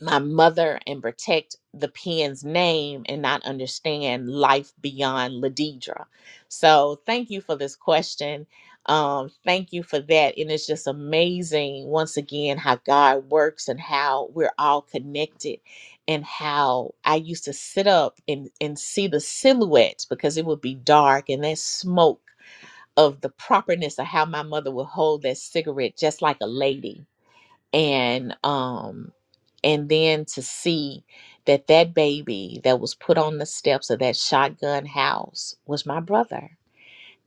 F: my mother and protect the pen's name and not understand life beyond Ladidra. So thank you for this question. Um, thank you for that. And it's just amazing once again how God works and how we're all connected and how I used to sit up and, and see the silhouettes because it would be dark and that smoke of the properness of how my mother would hold that cigarette just like a lady and um and then to see that that baby that was put on the steps of that shotgun house was my brother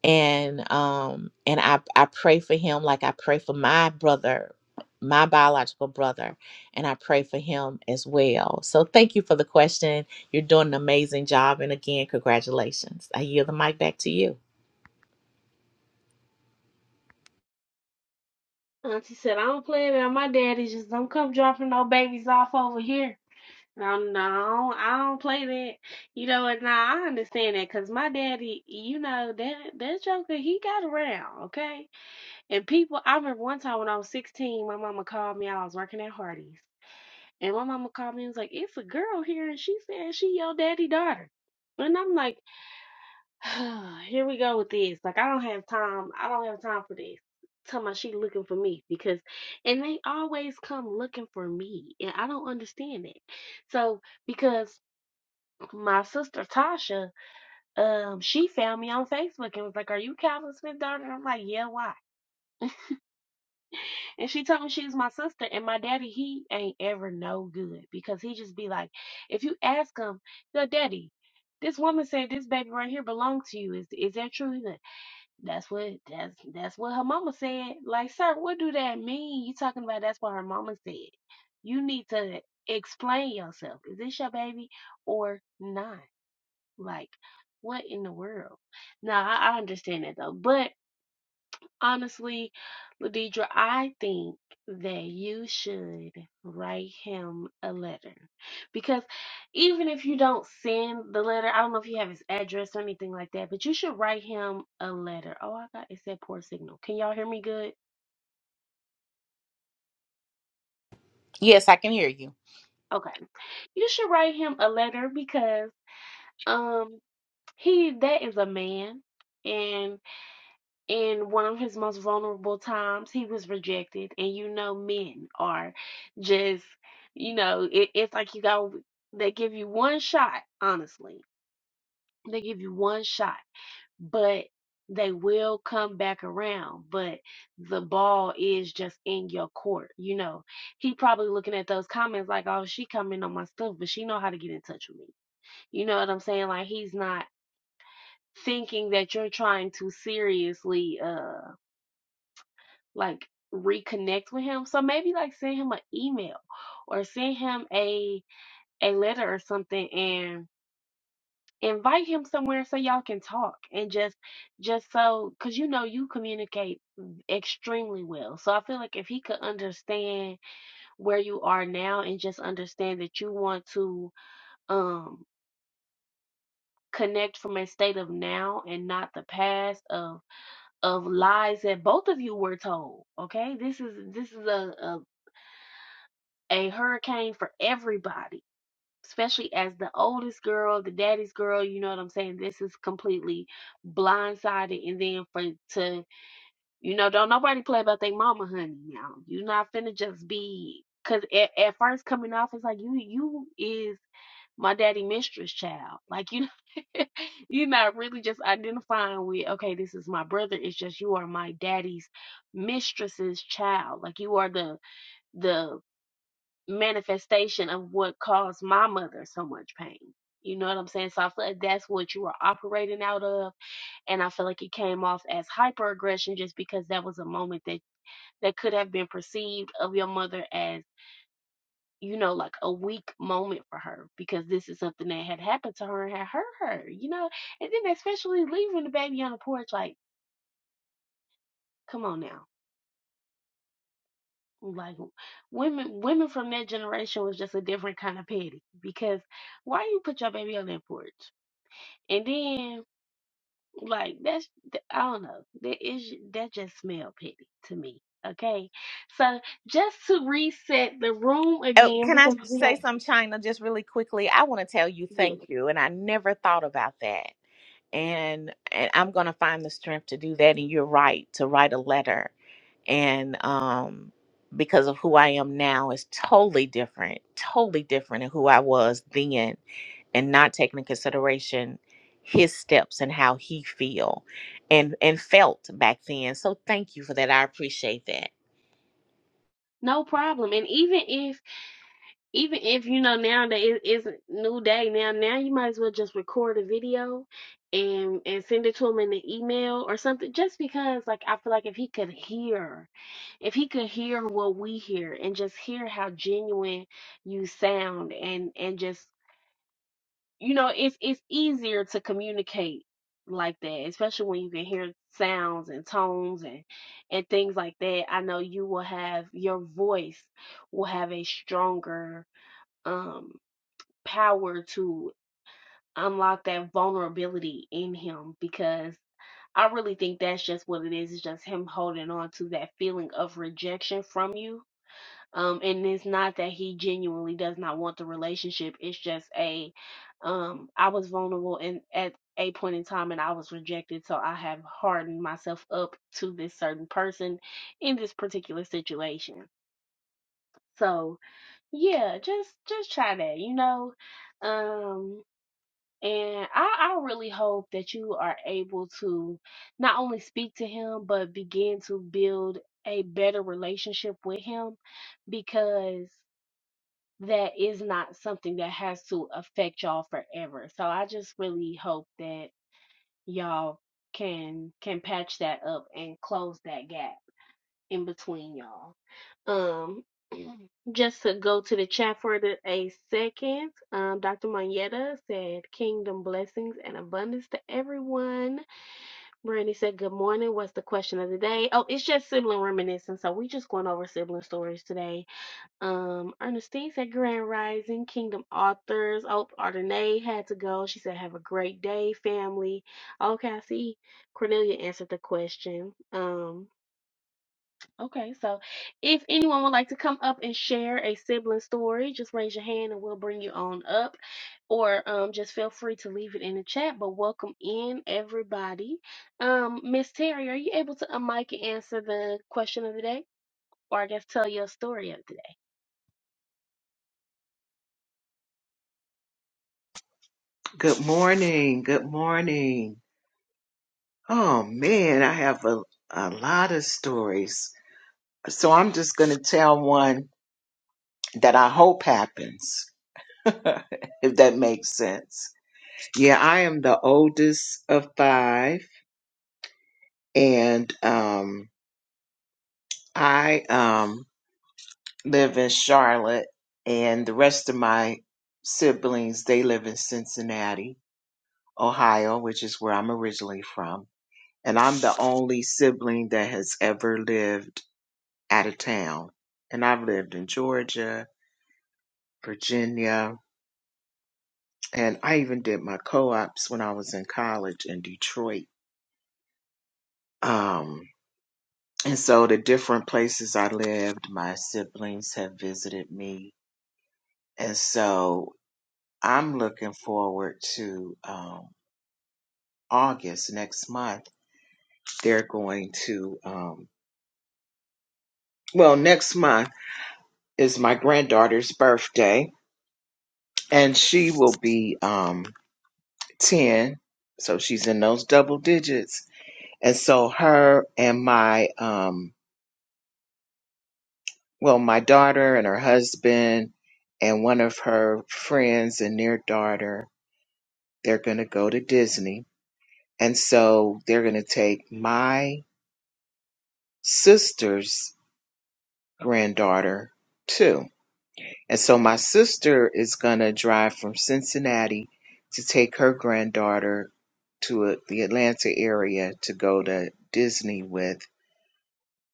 F: and um and i i pray for him like i pray for my brother my biological brother and i pray for him as well so thank you for the question you're doing an amazing job and again congratulations i yield the mic back to you
B: Auntie said, I don't play about my daddy, just don't come dropping no babies off over here. No, no, I don't play that. You know what? Nah, I understand that because my daddy, you know, that, that joker, he got around, okay? And people, I remember one time when I was 16, my mama called me, I was working at Hardee's. And my mama called me and was like, It's a girl here, and she said she your daddy daughter. And I'm like, [SIGHS] Here we go with this. Like I don't have time. I don't have time for this. Tell my she looking for me because and they always come looking for me. And I don't understand it. So because my sister Tasha, um, she found me on Facebook and was like, Are you Calvin Smith daughter? And I'm like, Yeah, why? And she told me she's my sister. And my daddy, he ain't ever no good because he just be like, if you ask him, your daddy, this woman said this baby right here belonged to you. Is is that true? That's what that's that's what her mama said. Like, sir, what do that mean? You talking about that's what her mama said. You need to explain yourself. Is this your baby or not? Like, what in the world? Now I, I understand that though. But Honestly, Ladidra, I think that you should write him a letter. Because even if you don't send the letter, I don't know if you have his address or anything like that, but you should write him a letter. Oh, I got it said poor signal. Can y'all hear me good?
F: yes i can hear you
B: Okay. You should write him a letter because um he that is a man and. in one of his most vulnerable times, he was rejected. And you know, men are just, you know, it, it's like you got, they give you one shot, honestly. They give you one shot, but they will come back around. But the ball is just in your court. You know, he probably looking at those comments like, oh, she coming on my stuff, but she know how to get in touch with me. You know what I'm saying? Like, he's not thinking that you're trying to seriously, uh like reconnect with him. So maybe like send him an email or send him a a letter or something and invite him somewhere so y'all can talk and just just so cuz you know you communicate extremely well. So I feel like if he could understand where you are now and just understand that you want to um connect from a state of now and not the past of of lies that both of you were told okay this is this is a, a a hurricane for everybody, especially as the oldest girl, the daddy's girl, you know what I'm saying? This is completely blindsided and then for to you know, don't nobody play about their mama honey now. You're not finna just be cause at, at first coming off it's like you you is my daddy mistress child. [LAUGHS] Like you know, [LAUGHS] you're not really just identifying with okay, this is my brother, it's just you are my daddy's mistress's child. Like you are the the manifestation of what caused my mother so much pain. You know what I'm saying? So I feel like that's what you were operating out of. And I feel like it came off as hyperaggression just because that was a moment that, that could have been perceived of your mother as, you know, like a weak moment for her because this is something that had happened to her and had hurt her, you know? And then especially leaving the baby on the porch, like, come on now. Like women women from that generation was just a different kind of petty because why you put your baby on that porch? And then, like, that's, th- I don't know. That is, that just smell petty to me. Okay. So just to reset the room
F: Oh,
B: again,
F: can I
B: because we have,
F: say some China just really quickly? I want to tell you
B: yeah,
F: thank you, and I never thought about that. and and I'm gonna find the strength to do that. And you're right to write a letter, and um, because of who I am now is totally different, totally different than who I was then, and not taking into consideration his steps and how he feel and and felt back then. So thank you for that. I appreciate that.
B: no problem. And even if, even if, you know, nowadays it is a new day now, now you might as well just record a video and, and send it to him in the email or something, just because, like, I feel like if he could hear, if he could hear what we hear and just hear how genuine you sound and, and just you know it's it's easier to communicate like that especially when you can hear sounds and tones and and things like that i know you will have your voice will have a stronger um power to unlock that vulnerability in him because i really think that's just what it is it's just him holding on to that feeling of rejection from you um, and it's not that he genuinely does not want the relationship. It's just a, um, I was vulnerable and at a point in time and I was rejected. So I have hardened myself up to this certain person in this particular situation. So yeah, just, just try that, you know? Um, and I, I really hope that you are able to not only speak to him, but begin to build a better relationship with him because that is not something that has to affect y'all forever. So I just really hope that y'all can can patch that up and close that gap in between y'all. Um [CLEARS THROAT] just to go to the chat for the, a second, um, Dr. Moneta said, Kingdom blessings and abundance to everyone. Brandy said, Good morning. What's the question of the day? Oh, it's just sibling reminiscence. So we just going over sibling stories today um, Ernestine said Grand Rising, Kingdom Authors. Oh, Ardenae had to go. She said, Have a great day, family. Okay, I see Cornelia answered the question. Um, okay, so if anyone would like to come up and share a sibling story, just raise your hand and we'll bring you on up. Or um just feel free to leave it in the chat. But welcome in everybody. Um, Miss Terry, are you able to unmic and answer the question of the day? Or I guess tell your story of the
G: Good morning. Good morning. Oh man, I have a, a lot of stories. So I'm just going to tell one that I hope happens, [LAUGHS] if that makes sense. Yeah, I am the oldest of five and um I um live in Charlotte and the rest of my siblings they live in Cincinnati, Ohio, which is where I'm originally from and I'm the only sibling that has ever lived out of town. And I've lived in Georgia, Virginia, and I even did my co-ops when I was in college in Detroit. Um, and so the different places I lived, my siblings have visited me. And so I'm looking forward to um, August next month. They're going to, um, well, next month is my granddaughter's birthday and she will be um 10 so she's in those double digits and so her and my um well my daughter and her husband and one of her friends and their daughter they're going to go to disney and so they're going to take my sister's granddaughter too And so my sister is going to drive from Cincinnati to take her granddaughter to a, the Atlanta area to go to Disney with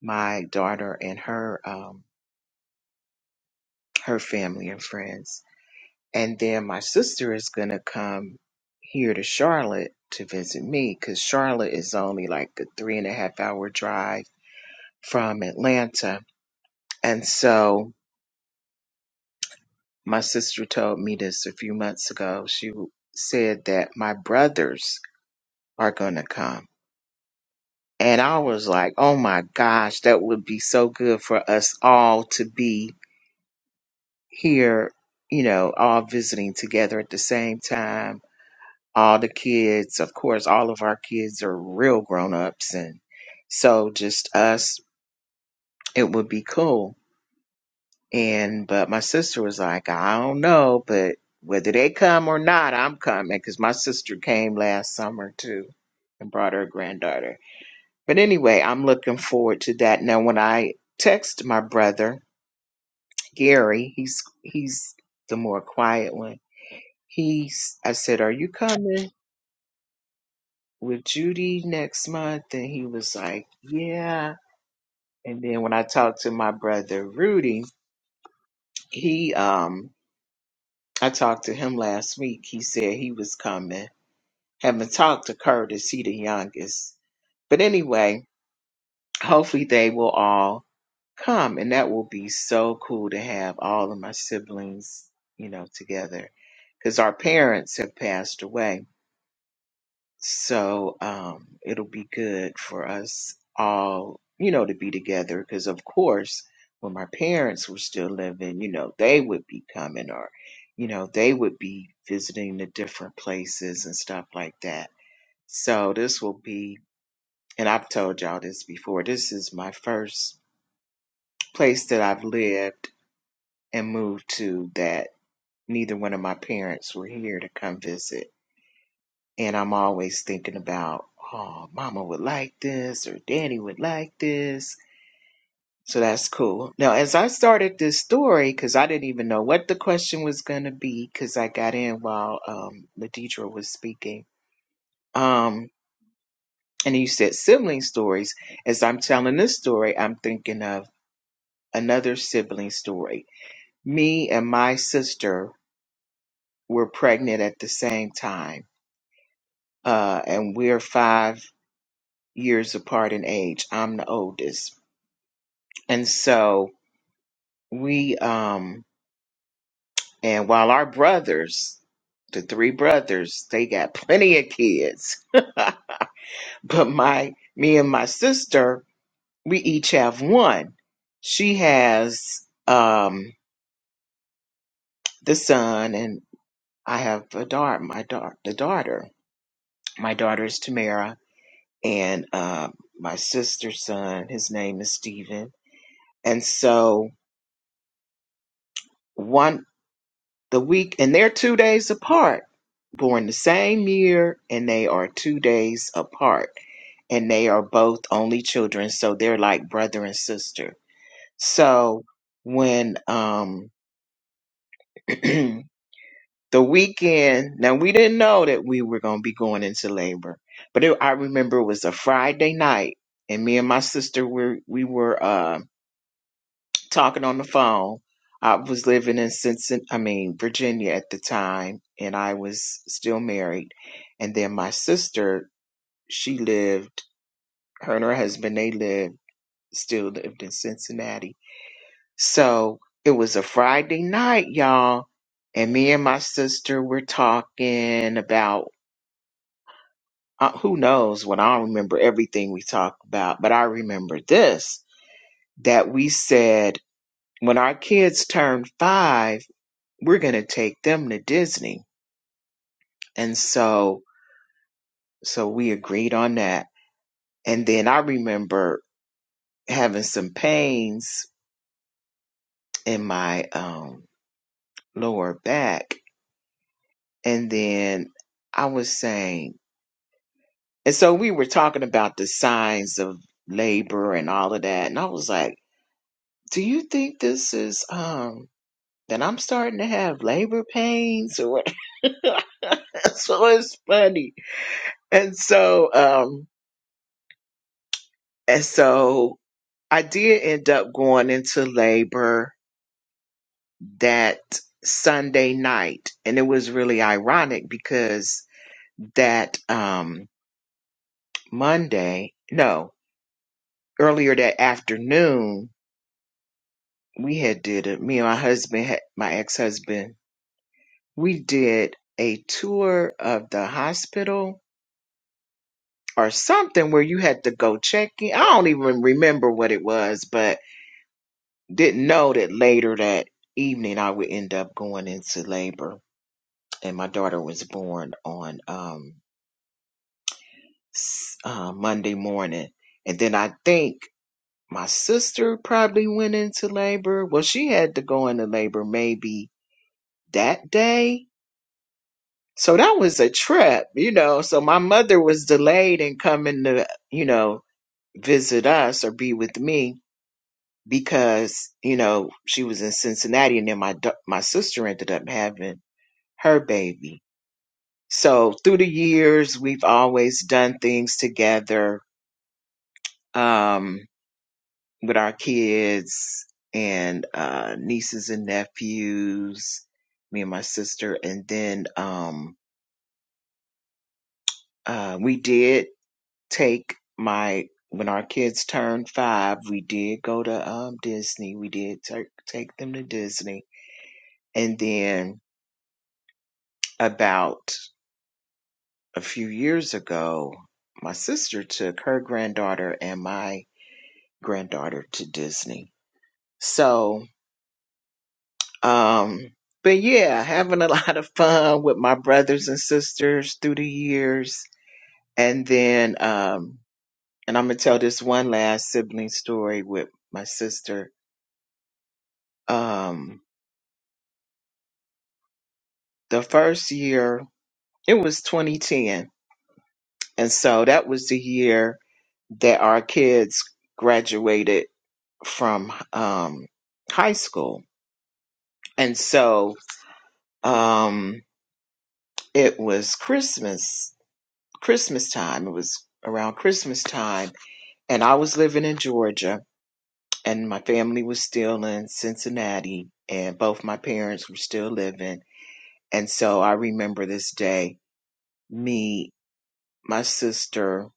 G: my daughter and her um, her family and friends. And then my sister is going to come here to Charlotte to visit me because Charlotte is only like a three and a half hour drive from Atlanta. And so my sister told me this a few months ago. She said that my brothers are going to come. And I was like, oh my gosh, that would be so good for us all to be here, you know, all visiting together at the same time. All the kids, of course, all of our kids are real grown ups. And so just us, it would be cool. And, but my sister was like, I don't know, but whether they come or not, I'm coming because my sister came last summer too and brought her granddaughter But anyway, I'm looking forward to that. Now, when I text my brother Gary, he's he's the more quiet one. He's I said, "Are you coming with Judy next month?" And he was like, "Yeah." And then when I talked to my brother Rudy, he um I talked to him last week. He said he was coming. Haven't talked to Curtis, he the youngest. But anyway, hopefully they will all. Come, and that will be so cool to have all of my siblings, you know, together because our parents have passed away. So um, it'll be good for us all, you know, to be together because, of course, when my parents were still living, you know, they would be coming or, you know, they would be visiting the different places and stuff like that. So this will be, and I've told y'all this before, this is my first place that I've lived and moved to that neither one of my parents were here to come visit. And I'm always thinking about, oh, mama would like this or daddy would like this. So that's cool. Now, as I started this story, because I didn't even know what the question was going to be, because I got in while um, Ladidra was speaking. Um, and you said sibling stories. As I'm telling this story, I'm thinking of another sibling story. Me and my sister were pregnant at the same time uh, and we're five years apart in age. I'm the oldest, and so we um and while our brothers, the three brothers, they got [LAUGHS] plenty of kids, but my me and my sister, we each have one. She has um the son, and I have a daughter. My daughter, the daughter. My daughter is Tamara, and uh, my sister's son. His name is Stephen, and so. one. The week, and they're two days apart, born the same year, and they are two days apart. and they are both only children, so they're like brother and sister. So when um [CLEARS THROAT] the weekend, now we didn't know that we were going to be going into labor, but it, I remember it was a Friday night, and me and my sister were we were um talking on the phone. I was living in Cincinnati, I mean, Virginia at the time, and I was still married. And then my sister, she lived, her and her husband, they lived, still lived in Cincinnati. So it was a Friday night, y'all. And me and my sister were talking about uh, who knows when I don't remember everything we talked about, but I remember this that we said when our kids turned five we're going to take them to Disney. And so, so we agreed on that. And then I remember having some pains in my um, lower back. And then I was saying, and so we were talking about the signs of labor and all of that. And I was like, do you think this is, um, that I'm starting to have labor pains or what? [LAUGHS] so it's funny. And so, um, and so I did end up going into labor that Sunday night, and it was really ironic because that um, Monday, no, earlier that afternoon, we had did it. Me and my husband, had, my ex husband, we did a tour of the hospital or something where you had to go check in. I don't even remember what it was, but didn't know that later that evening I would end up going into labor and my daughter was born on um s- uh, Monday morning, and then I think my sister probably went into labor. Well, she had to go into labor maybe that day, so that was a trip, you know. So my mother was delayed in coming to you know visit us or be with me because you know she was in Cincinnati, and then my da- my sister ended up having her baby So through the years, we've always done things together um, with our kids and uh, nieces and nephews, me and my sister. And then um, uh, we did take my, when our kids turned five, we did go to um, Disney. We did take take them to Disney. And then about a few years ago, my sister took her granddaughter and my granddaughter to Disney. So, um, but yeah, having a [LAUGHS] lot of fun with my brothers and sisters through the years. And then, um, and I'm going to tell this one last sibling story with my sister. Um, the first year, it was 2010. And so that was the year that our kids graduated from, um, high school. And so, um, it was Christmas Christmas time. It was around Christmas time, and I was living in Georgia, and my family was still in Cincinnati, and both my parents were still living. And so I remember this day, me, my sister,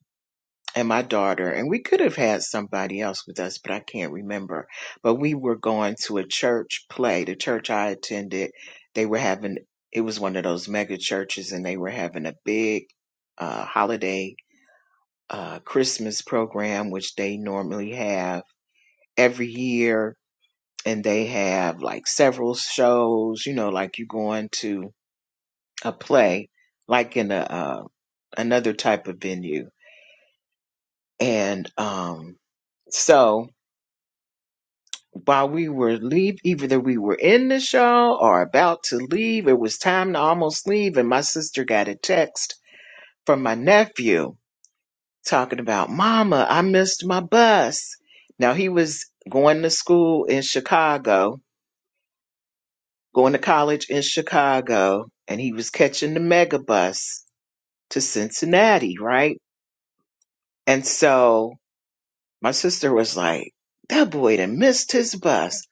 G: and my daughter, and we could have had somebody else with us, but I can't remember. But we were going to a church play. The church I attended, they were having it was one of those mega churches, and they were having a big uh, holiday uh, Christmas program, which they normally have every year. And they have like several shows, you know, like you going to a play, like in a, uh, another type of venue. And, um, so while we were leave, either we were in the show or about to leave, it was time to almost leave. And my sister got a text from my nephew talking about, Mama, I missed my bus. Now he was going to school in Chicago, going to college in Chicago, and he was catching the mega bus to Cincinnati, right? And so my sister was like, that boy done missed his bus.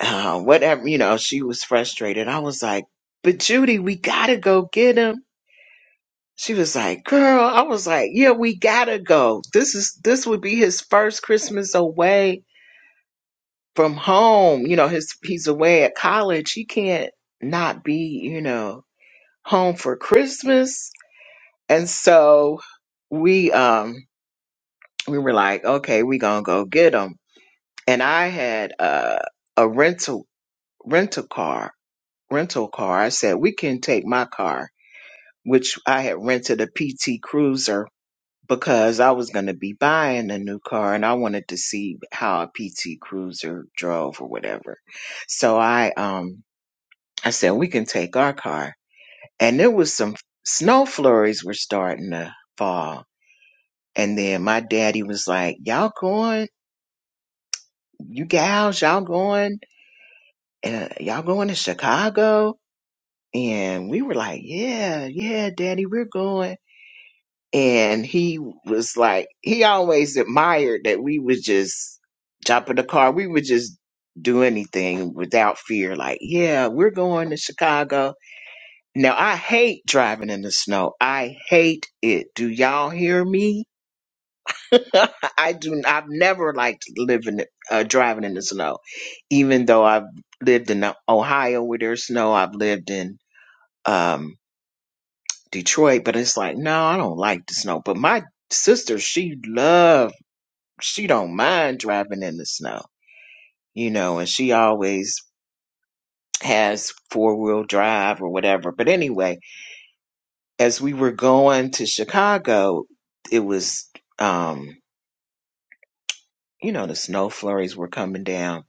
G: Uh, whatever, you know, she was frustrated. I was like, but Judy, we gotta go get him. She was like, girl, I was like, yeah, we gotta go. This is, this would be his first Christmas away from home. You know, his he's away at college. He can't not be, you know, home for Christmas. And so we um we were like, okay, we gonna go get him. And I had uh, a rental rental car rental car. I said we can take my car, which I had rented a PT Cruiser because I was gonna be buying a new car and I wanted to see how a PT Cruiser drove or whatever. So I um I said, we can take our car. And there was some snow flurries were starting to fall. And then my daddy was like, y'all going, you gals, y'all going, uh, y'all going to Chicago? And we were like, yeah, yeah, daddy, we're going. And he was like, he always admired that we would just jump in the car. We would just do anything without fear. Like, yeah, we're going to Chicago Now I hate driving in the snow. I hate it. Do y'all hear me? [LAUGHS] I do. I've never liked living, uh, driving in the snow, even though I've lived in uh, Ohio where there's snow. I've lived in um, Detroit, but it's like no, I don't like the snow. But my sister, she love. She don't mind driving in the snow, you know, and she always has four wheel drive or whatever. But anyway, as we were going to Chicago, it was, um, you know, the snow flurries were coming down.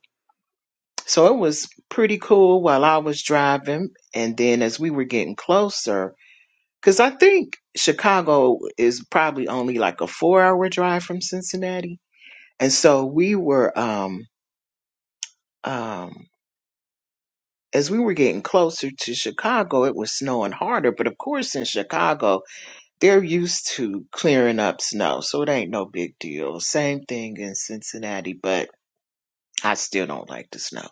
G: So it was pretty cool while I was driving. And then as we were getting closer, because I think Chicago is probably only like a four hour drive from Cincinnati. And so we were, um, um, as we were getting closer to Chicago, it was snowing harder. But of course, in Chicago, they're used to clearing up snow, so it ain't no big deal. Same thing in Cincinnati, but I still don't like the snow.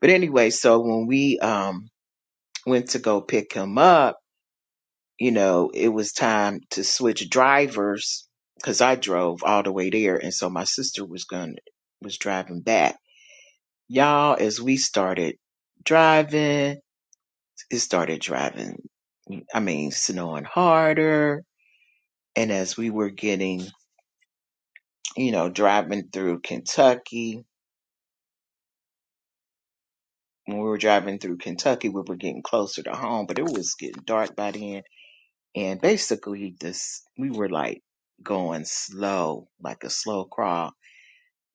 G: But anyway, so when we um went to go pick him up, you know, it was time to switch drivers because I drove all the way there, and so my sister was going was driving back. Y'all, as we started driving, it started driving. I mean, snowing harder, and as we were getting you know, driving through Kentucky. When we were driving through Kentucky, we were getting closer to home, but it was getting dark by then. And basically, this we were like going slow, like a slow crawl.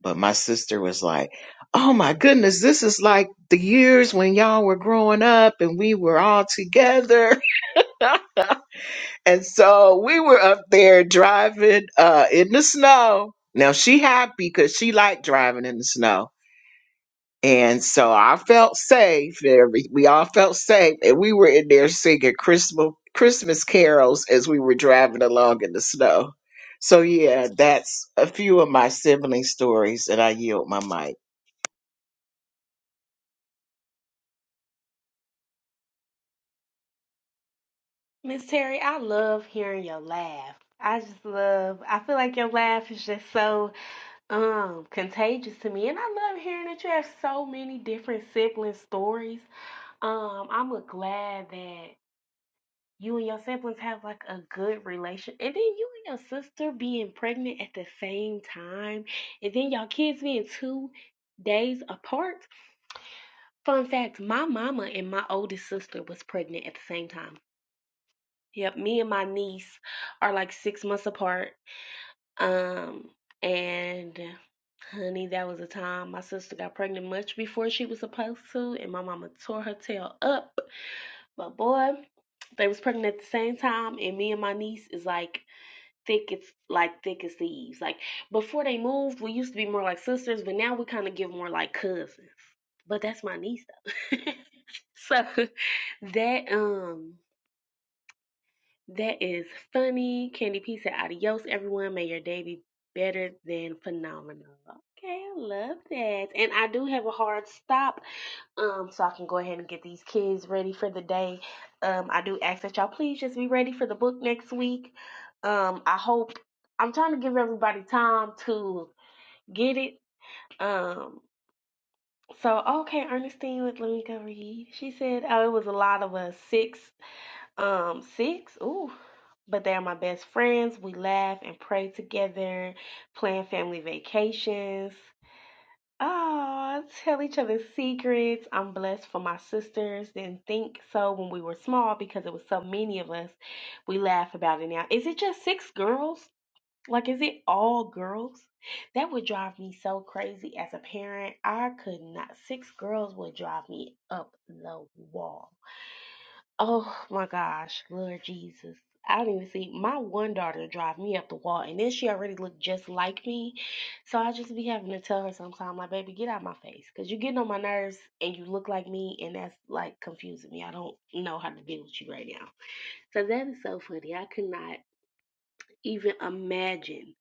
G: But my sister was like, "Oh my goodness, this is like the years when y'all were growing up and we were all together." [LAUGHS] and so we were up there driving uh, in the snow. Now she happy because she liked driving in the snow And so I felt safe. and We we all felt safe, and we were in there singing Christmas Christmas carols as we were driving along in the snow. So yeah, that's a few of my sibling stories, and I yield my mic.
B: Miss Terry, I love hearing your laugh. I just love. I feel like your laugh is just so um contagious to me, and I love hearing that you have so many different sibling stories. Um, I'm a- glad that you and your siblings have like a good relation, and then you and your sister being pregnant at the same time, and then y'all kids being two days apart. Fun fact: My mama and my oldest sister was pregnant at the same time. Yep, me and my niece are like six months apart. Um, and honey, that was a time my sister got pregnant much before she was supposed to, and my mama tore her tail up. But boy, they was pregnant at the same time, and me and my niece is like thick as like thick as thieves. Like before they moved, we used to be more like sisters, but now we kind of give more like cousins. But that's my niece though. [LAUGHS] so [LAUGHS] that um. That is funny. Candy P said, Adios, everyone. May your day be better than phenomenal. Okay, I love that. And I do have a hard stop, um, so I can go ahead and get these kids ready for the day. Um, I do ask that y'all please just be ready for the book next week. Um, I hope I'm trying to give everybody time to get it. Um, so okay, Ernestine, let me go read. She said, "Oh, it was a lot of us six um, six. Ooh. But they are my best friends. We laugh and pray together, plan family vacations. Ah, tell each other secrets. I'm blessed for my sisters. Didn't think so when we were small because it was so many of us. We laugh about it now. Is it just six girls? Like, is it all girls? That would drive me so crazy as a parent. I could not. Six girls would drive me up the wall. Oh my gosh, Lord Jesus. I don't even see my one daughter drive me up the wall, and then she already looked just like me. So I just be having to tell her sometimes, like, baby, get out my face because you're getting on my nerves and you look like me, and that's like confusing me. I don't know how to deal with you right now. So that is so funny. I could not even imagine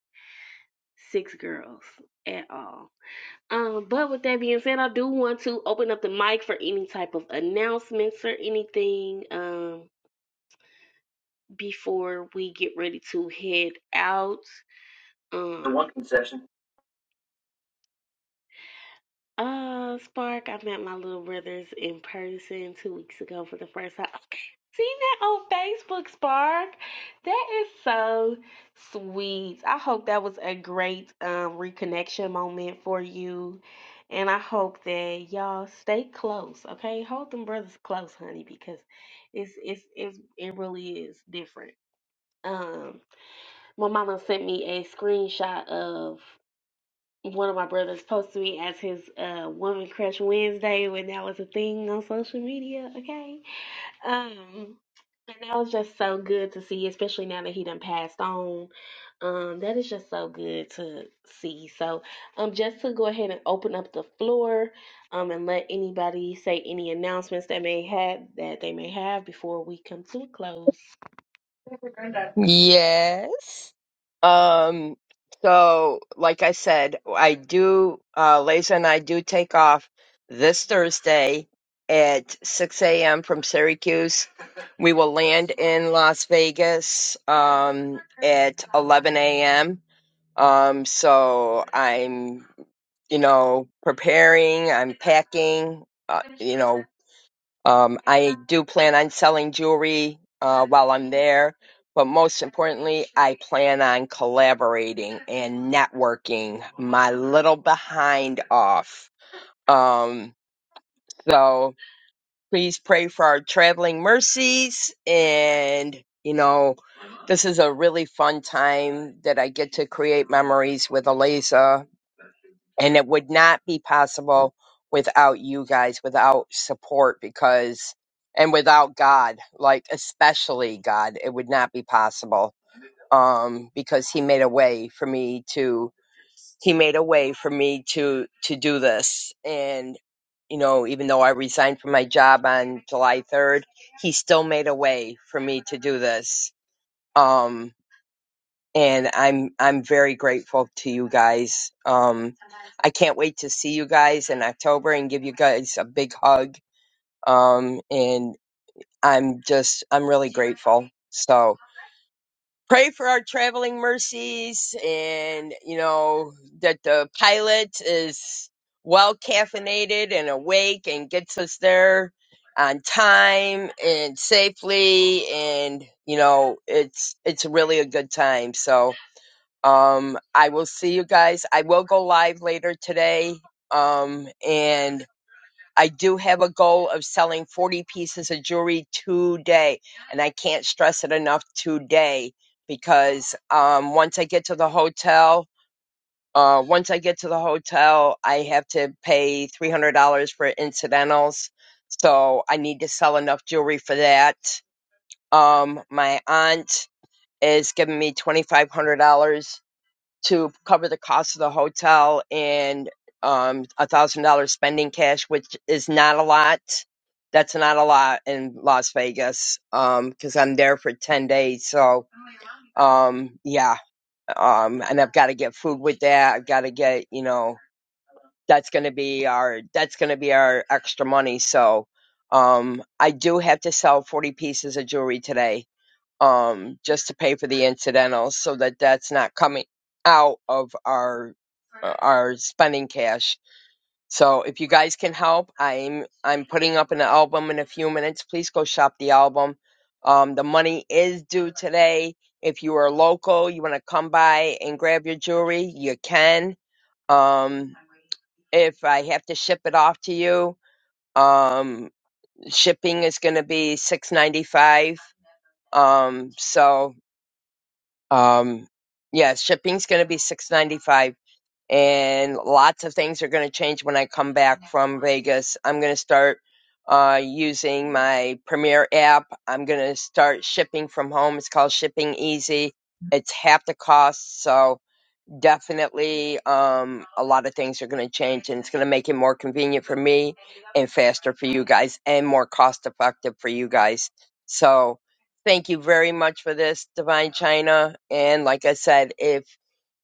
B: six girls at all. Um, but with that being said, I do want to open up the mic for any type of announcements or anything. Um, before we get ready to head out. Um, uh, Spark, I met my little brothers in person two weeks ago for the first time. Okay, seen that on Facebook, Spark. That is so sweet. I hope that was a great um reconnection moment for you. And I hope that y'all stay close, okay? Hold them brothers close, honey, because it's it's it's it really is different. Um My mama sent me a screenshot of one of my brothers posted me as his uh, Woman Crush Wednesday when that was a thing on social media, okay? Um, and that was just so good to see, especially now that he done passed on. Um, that is just so good to see. So, um, just to go ahead and open up the floor, um, and let anybody say any announcements that may have that they may have before we come to a close.
A: Yes. Um, so like I said, I do uh Lisa and I do take off this Thursday at six AM from Syracuse. We will land in Las Vegas um at eleven AM. Um so I'm you know preparing, I'm packing. Uh, you know. Um, I do plan on selling jewelry uh, while I'm there, but most importantly, I plan on collaborating and networking my little behind off. Um, so please pray for our traveling mercies. And, you know, this is a really fun time that I get to create memories with Eliza and it would not be possible without you guys without support because and without god like especially god it would not be possible um because he made a way for me to he made a way for me to to do this and you know even though i resigned from my job on july 3rd he still made a way for me to do this Um and I'm I'm very grateful to you guys. Um, I can't wait to see you guys in October and give you guys a big hug. Um, and I'm just I'm really grateful. So pray for our traveling mercies, and you know that the pilot is well caffeinated and awake and gets us there on time and safely and you know it's it's really a good time so um, I will see you guys. I will go live later today. Um, and I do have a goal of selling 40 pieces of jewelry today. And I can't stress it enough today because, um, once I get to the hotel, uh, once I get to the hotel, I have to pay $300 for incidentals. So I need to sell enough jewelry for that. Um, my aunt is giving me $2,500 to cover the cost of the hotel and um a thousand dollars spending cash, which is not a lot. That's not a lot in Las Vegas, um, because I'm there for ten days. So, um, yeah, um, and I've got to get food with that. I've got to get, you know, that's going to be our that's going to be our extra money. So, um, I do have to sell forty pieces of jewelry today, um, just to pay for the incidentals, so that that's not coming out of our are spending cash. So if you guys can help, I'm I'm putting up an album in a few minutes. Please go shop the album. Um, the money is due today. If you are local, you want to come by and grab your jewelry, you can. Um, if I have to ship it off to you, um, shipping is going to be six ninety five. Um, so um, yeah, shipping's going to be six ninety five. and lots of things are going to change when I come back from Vegas. I'm going to start uh, using my Premier app. I'm going to start shipping from home. It's called Shipping Easy. It's half the cost, so definitely um a lot of things are going to change and it's going to make it more convenient for me and faster for you guys and more cost effective for you guys so thank you very much for this divine china and like i said if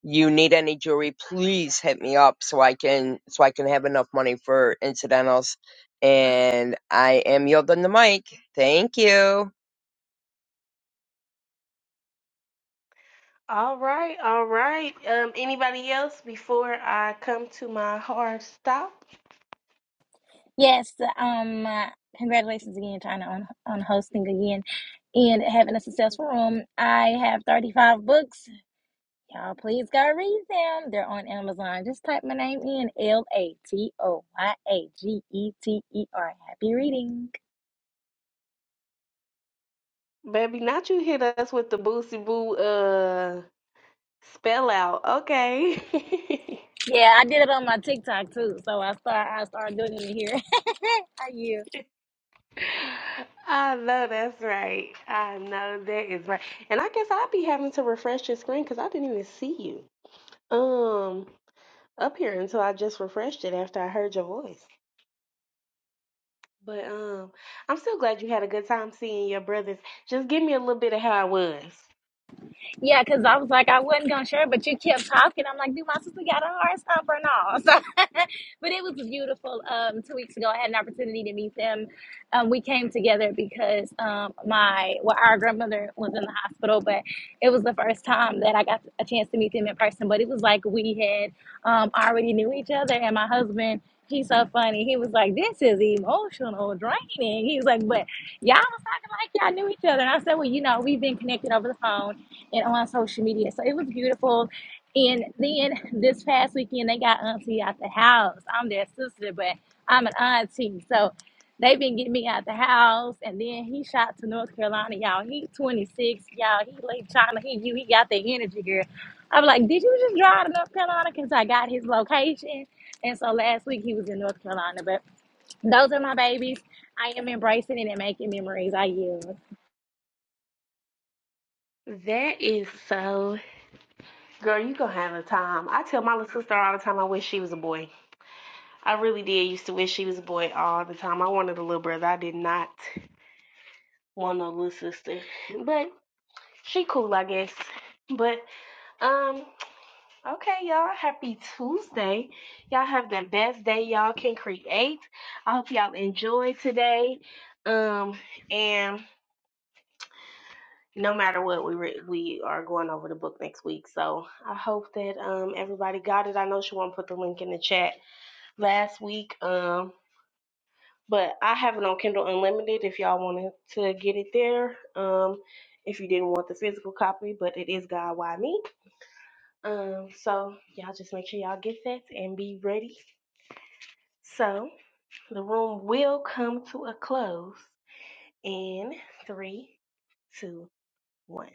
A: you need any jewelry please hit me up so i can so i can have enough money for incidentals and i am yielding the mic thank you
B: All right, all right. Um, anybody else before I come to my hard stop?
H: Yes, um, uh, congratulations again, China, on on hosting again and having a successful room. I have 35 books. Y'all, please go read them. They're on Amazon. Just type my name in L A T O Y A G E T E R. Happy reading.
B: Baby, not you hit us with the boosie boo uh spell out. Okay.
H: Yeah, I did it on my TikTok too. So I start I started doing it in here. [LAUGHS] How are you?
B: [LAUGHS] I know that's right. I know that is right. And I guess I'll be having to refresh your screen because I didn't even see you. Um up here until I just refreshed it after I heard your voice. But um I'm still glad you had a good time seeing your brothers. Just give me a little bit of how I was.
H: Yeah, because I was like, I wasn't gonna share, but you kept talking. I'm like, do my sister got a heart stop or no? [LAUGHS] So, but it was beautiful. Um, two weeks ago, I had an opportunity to meet them. Um, we came together because um, my well, our grandmother was in the hospital, but it was the first time that I got a chance to meet them in person. But it was like we had um, already knew each other, and my husband. He's so funny. He was like, "This is emotional draining." He was like, "But y'all was talking like y'all knew each other." And I said, "Well, you know, we've been connected over the phone." and on social media. So it was beautiful. And then this past weekend, they got auntie out the house. I'm their sister, but I'm an auntie. So they've been getting me out the house. And then he shot to North Carolina, y'all. He 26, y'all. He late China. He you. He got the energy, girl. I'm like, did you just drive to North Carolina? Because I got his location. And so last week he was in North Carolina. But those are my babies. I am embracing it and making memories. I yield.
B: That is so. Girl, you gonna have a time. I tell my little sister all the time I wish she was a boy. I really did used to wish she was a boy all the time. I wanted a little brother. I did not want no little sister. But she cool, I guess. But um, okay, y'all. Happy Tuesday. Y'all have the best day y'all can create. I hope y'all enjoy today. Um, and no matter what, we re- we are going over the book next week. So I hope that um everybody got it. I know she won't put the link in the chat last week. Um, but I have it on Kindle Unlimited if y'all wanted to get it there. Um, if you didn't want the physical copy, but it is God Why Me. Um, so y'all just make sure y'all get that and be ready. So the room will come to a close in three, two, one.